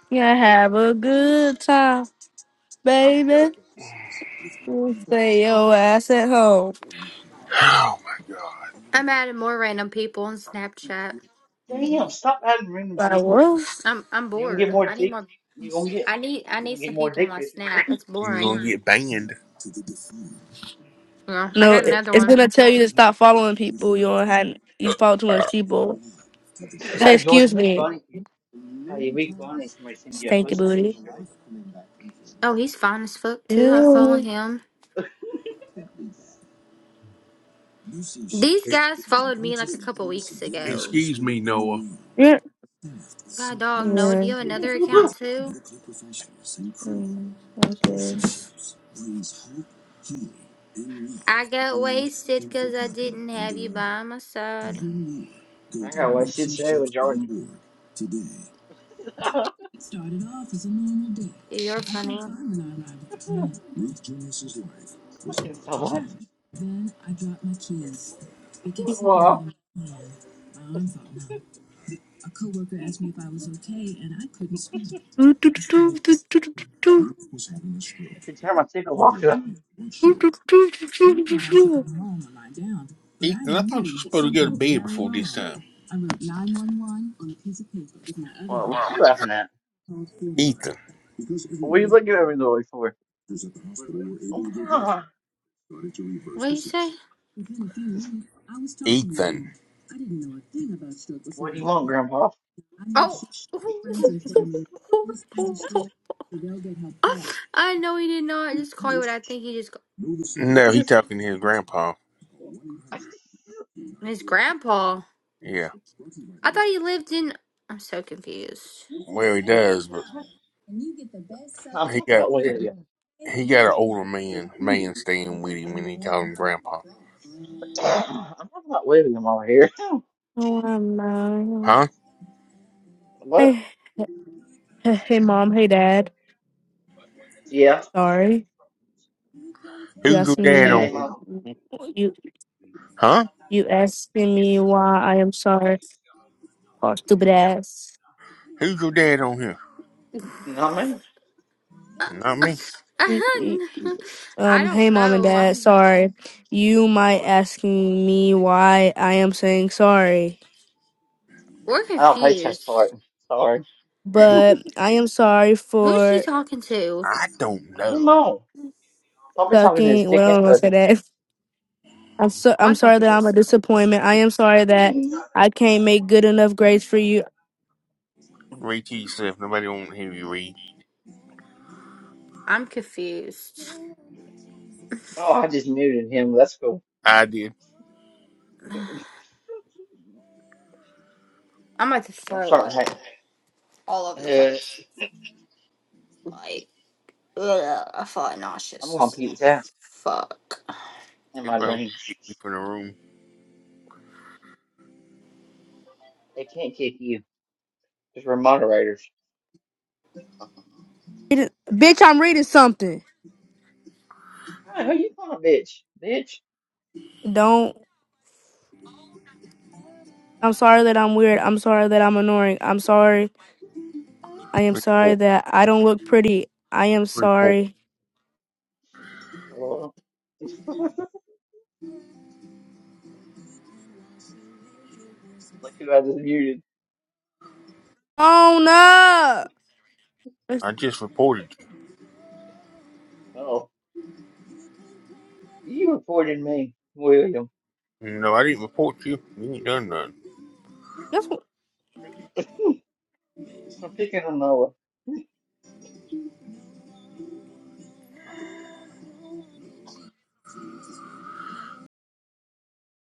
Speaker 2: Yeah, have a good time,
Speaker 7: I'm joking.
Speaker 2: baby. You stay your ass at home.
Speaker 4: Oh my god.
Speaker 3: I'm adding more random people on Snapchat.
Speaker 7: Damn, stop adding random
Speaker 2: Like
Speaker 7: people.
Speaker 2: what?
Speaker 3: I'm I'm
Speaker 7: You're gonna get
Speaker 3: bored.
Speaker 7: more
Speaker 3: I need
Speaker 7: dick
Speaker 3: more.
Speaker 7: you're gonna get
Speaker 3: I need I
Speaker 7: you're
Speaker 3: need
Speaker 7: gonna
Speaker 3: some
Speaker 7: get more
Speaker 3: people on
Speaker 7: dick
Speaker 3: my
Speaker 7: pictures.
Speaker 3: Snap. It's
Speaker 4: You're gonna
Speaker 3: boring.
Speaker 4: get banned.
Speaker 3: Yeah, I
Speaker 2: No,
Speaker 3: got
Speaker 2: it-
Speaker 3: another
Speaker 2: it's
Speaker 3: one.
Speaker 2: gonna tell you to stop following people. You don't have you follow too much people. Say
Speaker 7: Yeah,
Speaker 2: excuse
Speaker 7: Jordan, make
Speaker 2: me,
Speaker 7: funny how you make funny somebody send you a
Speaker 2: stanky
Speaker 7: pussy
Speaker 2: booty.
Speaker 7: picture, Jordan.
Speaker 3: Oh, he's fine as fuck too. I follow
Speaker 2: Ew.
Speaker 3: him. These
Speaker 4: Ex-
Speaker 3: guys followed me like a couple weeks ago.
Speaker 4: Excuse me, Noah.
Speaker 2: Yeah.
Speaker 3: God dog, no, do
Speaker 2: Yeah.
Speaker 3: you have another account too?
Speaker 2: Mm, I
Speaker 3: I got wasted because I didn't have you by my side.
Speaker 7: I got what shit to say with Jordan. I
Speaker 3: Yeah, You're funny.
Speaker 7: can't stop laughing. Well
Speaker 2: guess.
Speaker 7: she turned my tickle off. Well,
Speaker 4: Ethan, I thought you were supposed to go to bed before this time.
Speaker 7: what
Speaker 4: Wow.
Speaker 7: you laughing at?
Speaker 4: Ethan.
Speaker 7: What are you looking at me the way for? Oh,
Speaker 3: What you say?
Speaker 4: Ethan.
Speaker 7: What do you want, Grandpa?
Speaker 3: Oh, I know he did not just call you what I think he just ca-
Speaker 4: No, he talking to his grandpa.
Speaker 7: I'm
Speaker 3: his grandpa.
Speaker 4: Yeah.
Speaker 3: I thought he lived in. I'm so confused.
Speaker 4: Well, he does, but he
Speaker 7: talking
Speaker 4: got
Speaker 7: about William.
Speaker 4: he got an older
Speaker 7: I'm
Speaker 4: man man staying with him when he called him grandpa.
Speaker 7: talking about William over here.
Speaker 2: Oh, I'm not.
Speaker 4: Huh?
Speaker 7: What?
Speaker 2: Hey, hey, hey, mom. Hey, dad.
Speaker 7: Yeah.
Speaker 2: Sorry. You
Speaker 4: Who's your
Speaker 2: asked
Speaker 7: Have you
Speaker 4: dad
Speaker 7: seen
Speaker 2: me.
Speaker 4: on?
Speaker 7: him on?
Speaker 2: You
Speaker 4: Huh?
Speaker 2: you asking me why I am sorry. Oh, stupid ass.
Speaker 4: Who's your dad on here?
Speaker 7: Not me.
Speaker 4: Not me.
Speaker 3: I
Speaker 2: Um, hey
Speaker 3: don't
Speaker 2: mom and
Speaker 3: know.
Speaker 2: dad,
Speaker 3: I'm,
Speaker 2: sorry. You might asking me why I am saying sorry,
Speaker 3: we're
Speaker 7: I don't play chess part.
Speaker 3: confused.
Speaker 7: Sorry.
Speaker 4: Ain't-
Speaker 2: but I am sorry
Speaker 3: Who's she
Speaker 2: for
Speaker 3: talking to?
Speaker 4: I don't
Speaker 7: I don't
Speaker 4: know.
Speaker 7: know. I'll be talking to his
Speaker 2: sucking.
Speaker 7: dick
Speaker 2: Well, I don't
Speaker 7: and
Speaker 2: want to say
Speaker 7: pussy.
Speaker 2: that. I'm so I'm
Speaker 3: Why
Speaker 2: sorry
Speaker 3: talking
Speaker 2: that
Speaker 3: to
Speaker 2: I'm a
Speaker 3: herself?
Speaker 2: disappointment. I am sorry that I can't make good enough grades for you.
Speaker 4: Read to yourself. Nobody want to hear you read.
Speaker 3: I'm confused.
Speaker 7: Oh, I just muted him. That's cool.
Speaker 4: I did.
Speaker 3: I'm about to
Speaker 7: I'm
Speaker 3: throw up
Speaker 7: starting. to
Speaker 3: all over the
Speaker 7: Uh,
Speaker 3: place. Like, Ugh, I felt
Speaker 7: I'm
Speaker 3: nauseous.
Speaker 7: gonna
Speaker 3: as
Speaker 7: peep that
Speaker 3: Fuck.
Speaker 7: in
Speaker 4: They
Speaker 7: my
Speaker 4: probably
Speaker 7: dreams.
Speaker 4: kicked me from the room.
Speaker 7: They can't kick you because we're moderators.
Speaker 2: it- Bitch, I'm reading something.
Speaker 7: Hey, who you calling a bitch? Bitch.
Speaker 2: Don't. I'm sorry that I'm weird. I'm sorry that I'm annoying. I'm sorry. I am sorry
Speaker 4: Report.
Speaker 2: that I don't look pretty. I am
Speaker 4: Report.
Speaker 2: sorry.
Speaker 7: Look who I just muted.
Speaker 2: Oh no.
Speaker 4: I just reported
Speaker 7: Oh, you reported me, William.
Speaker 4: you. No, I didn't report you. You ain't done nothing.
Speaker 2: That's
Speaker 7: I'm picking on Noah.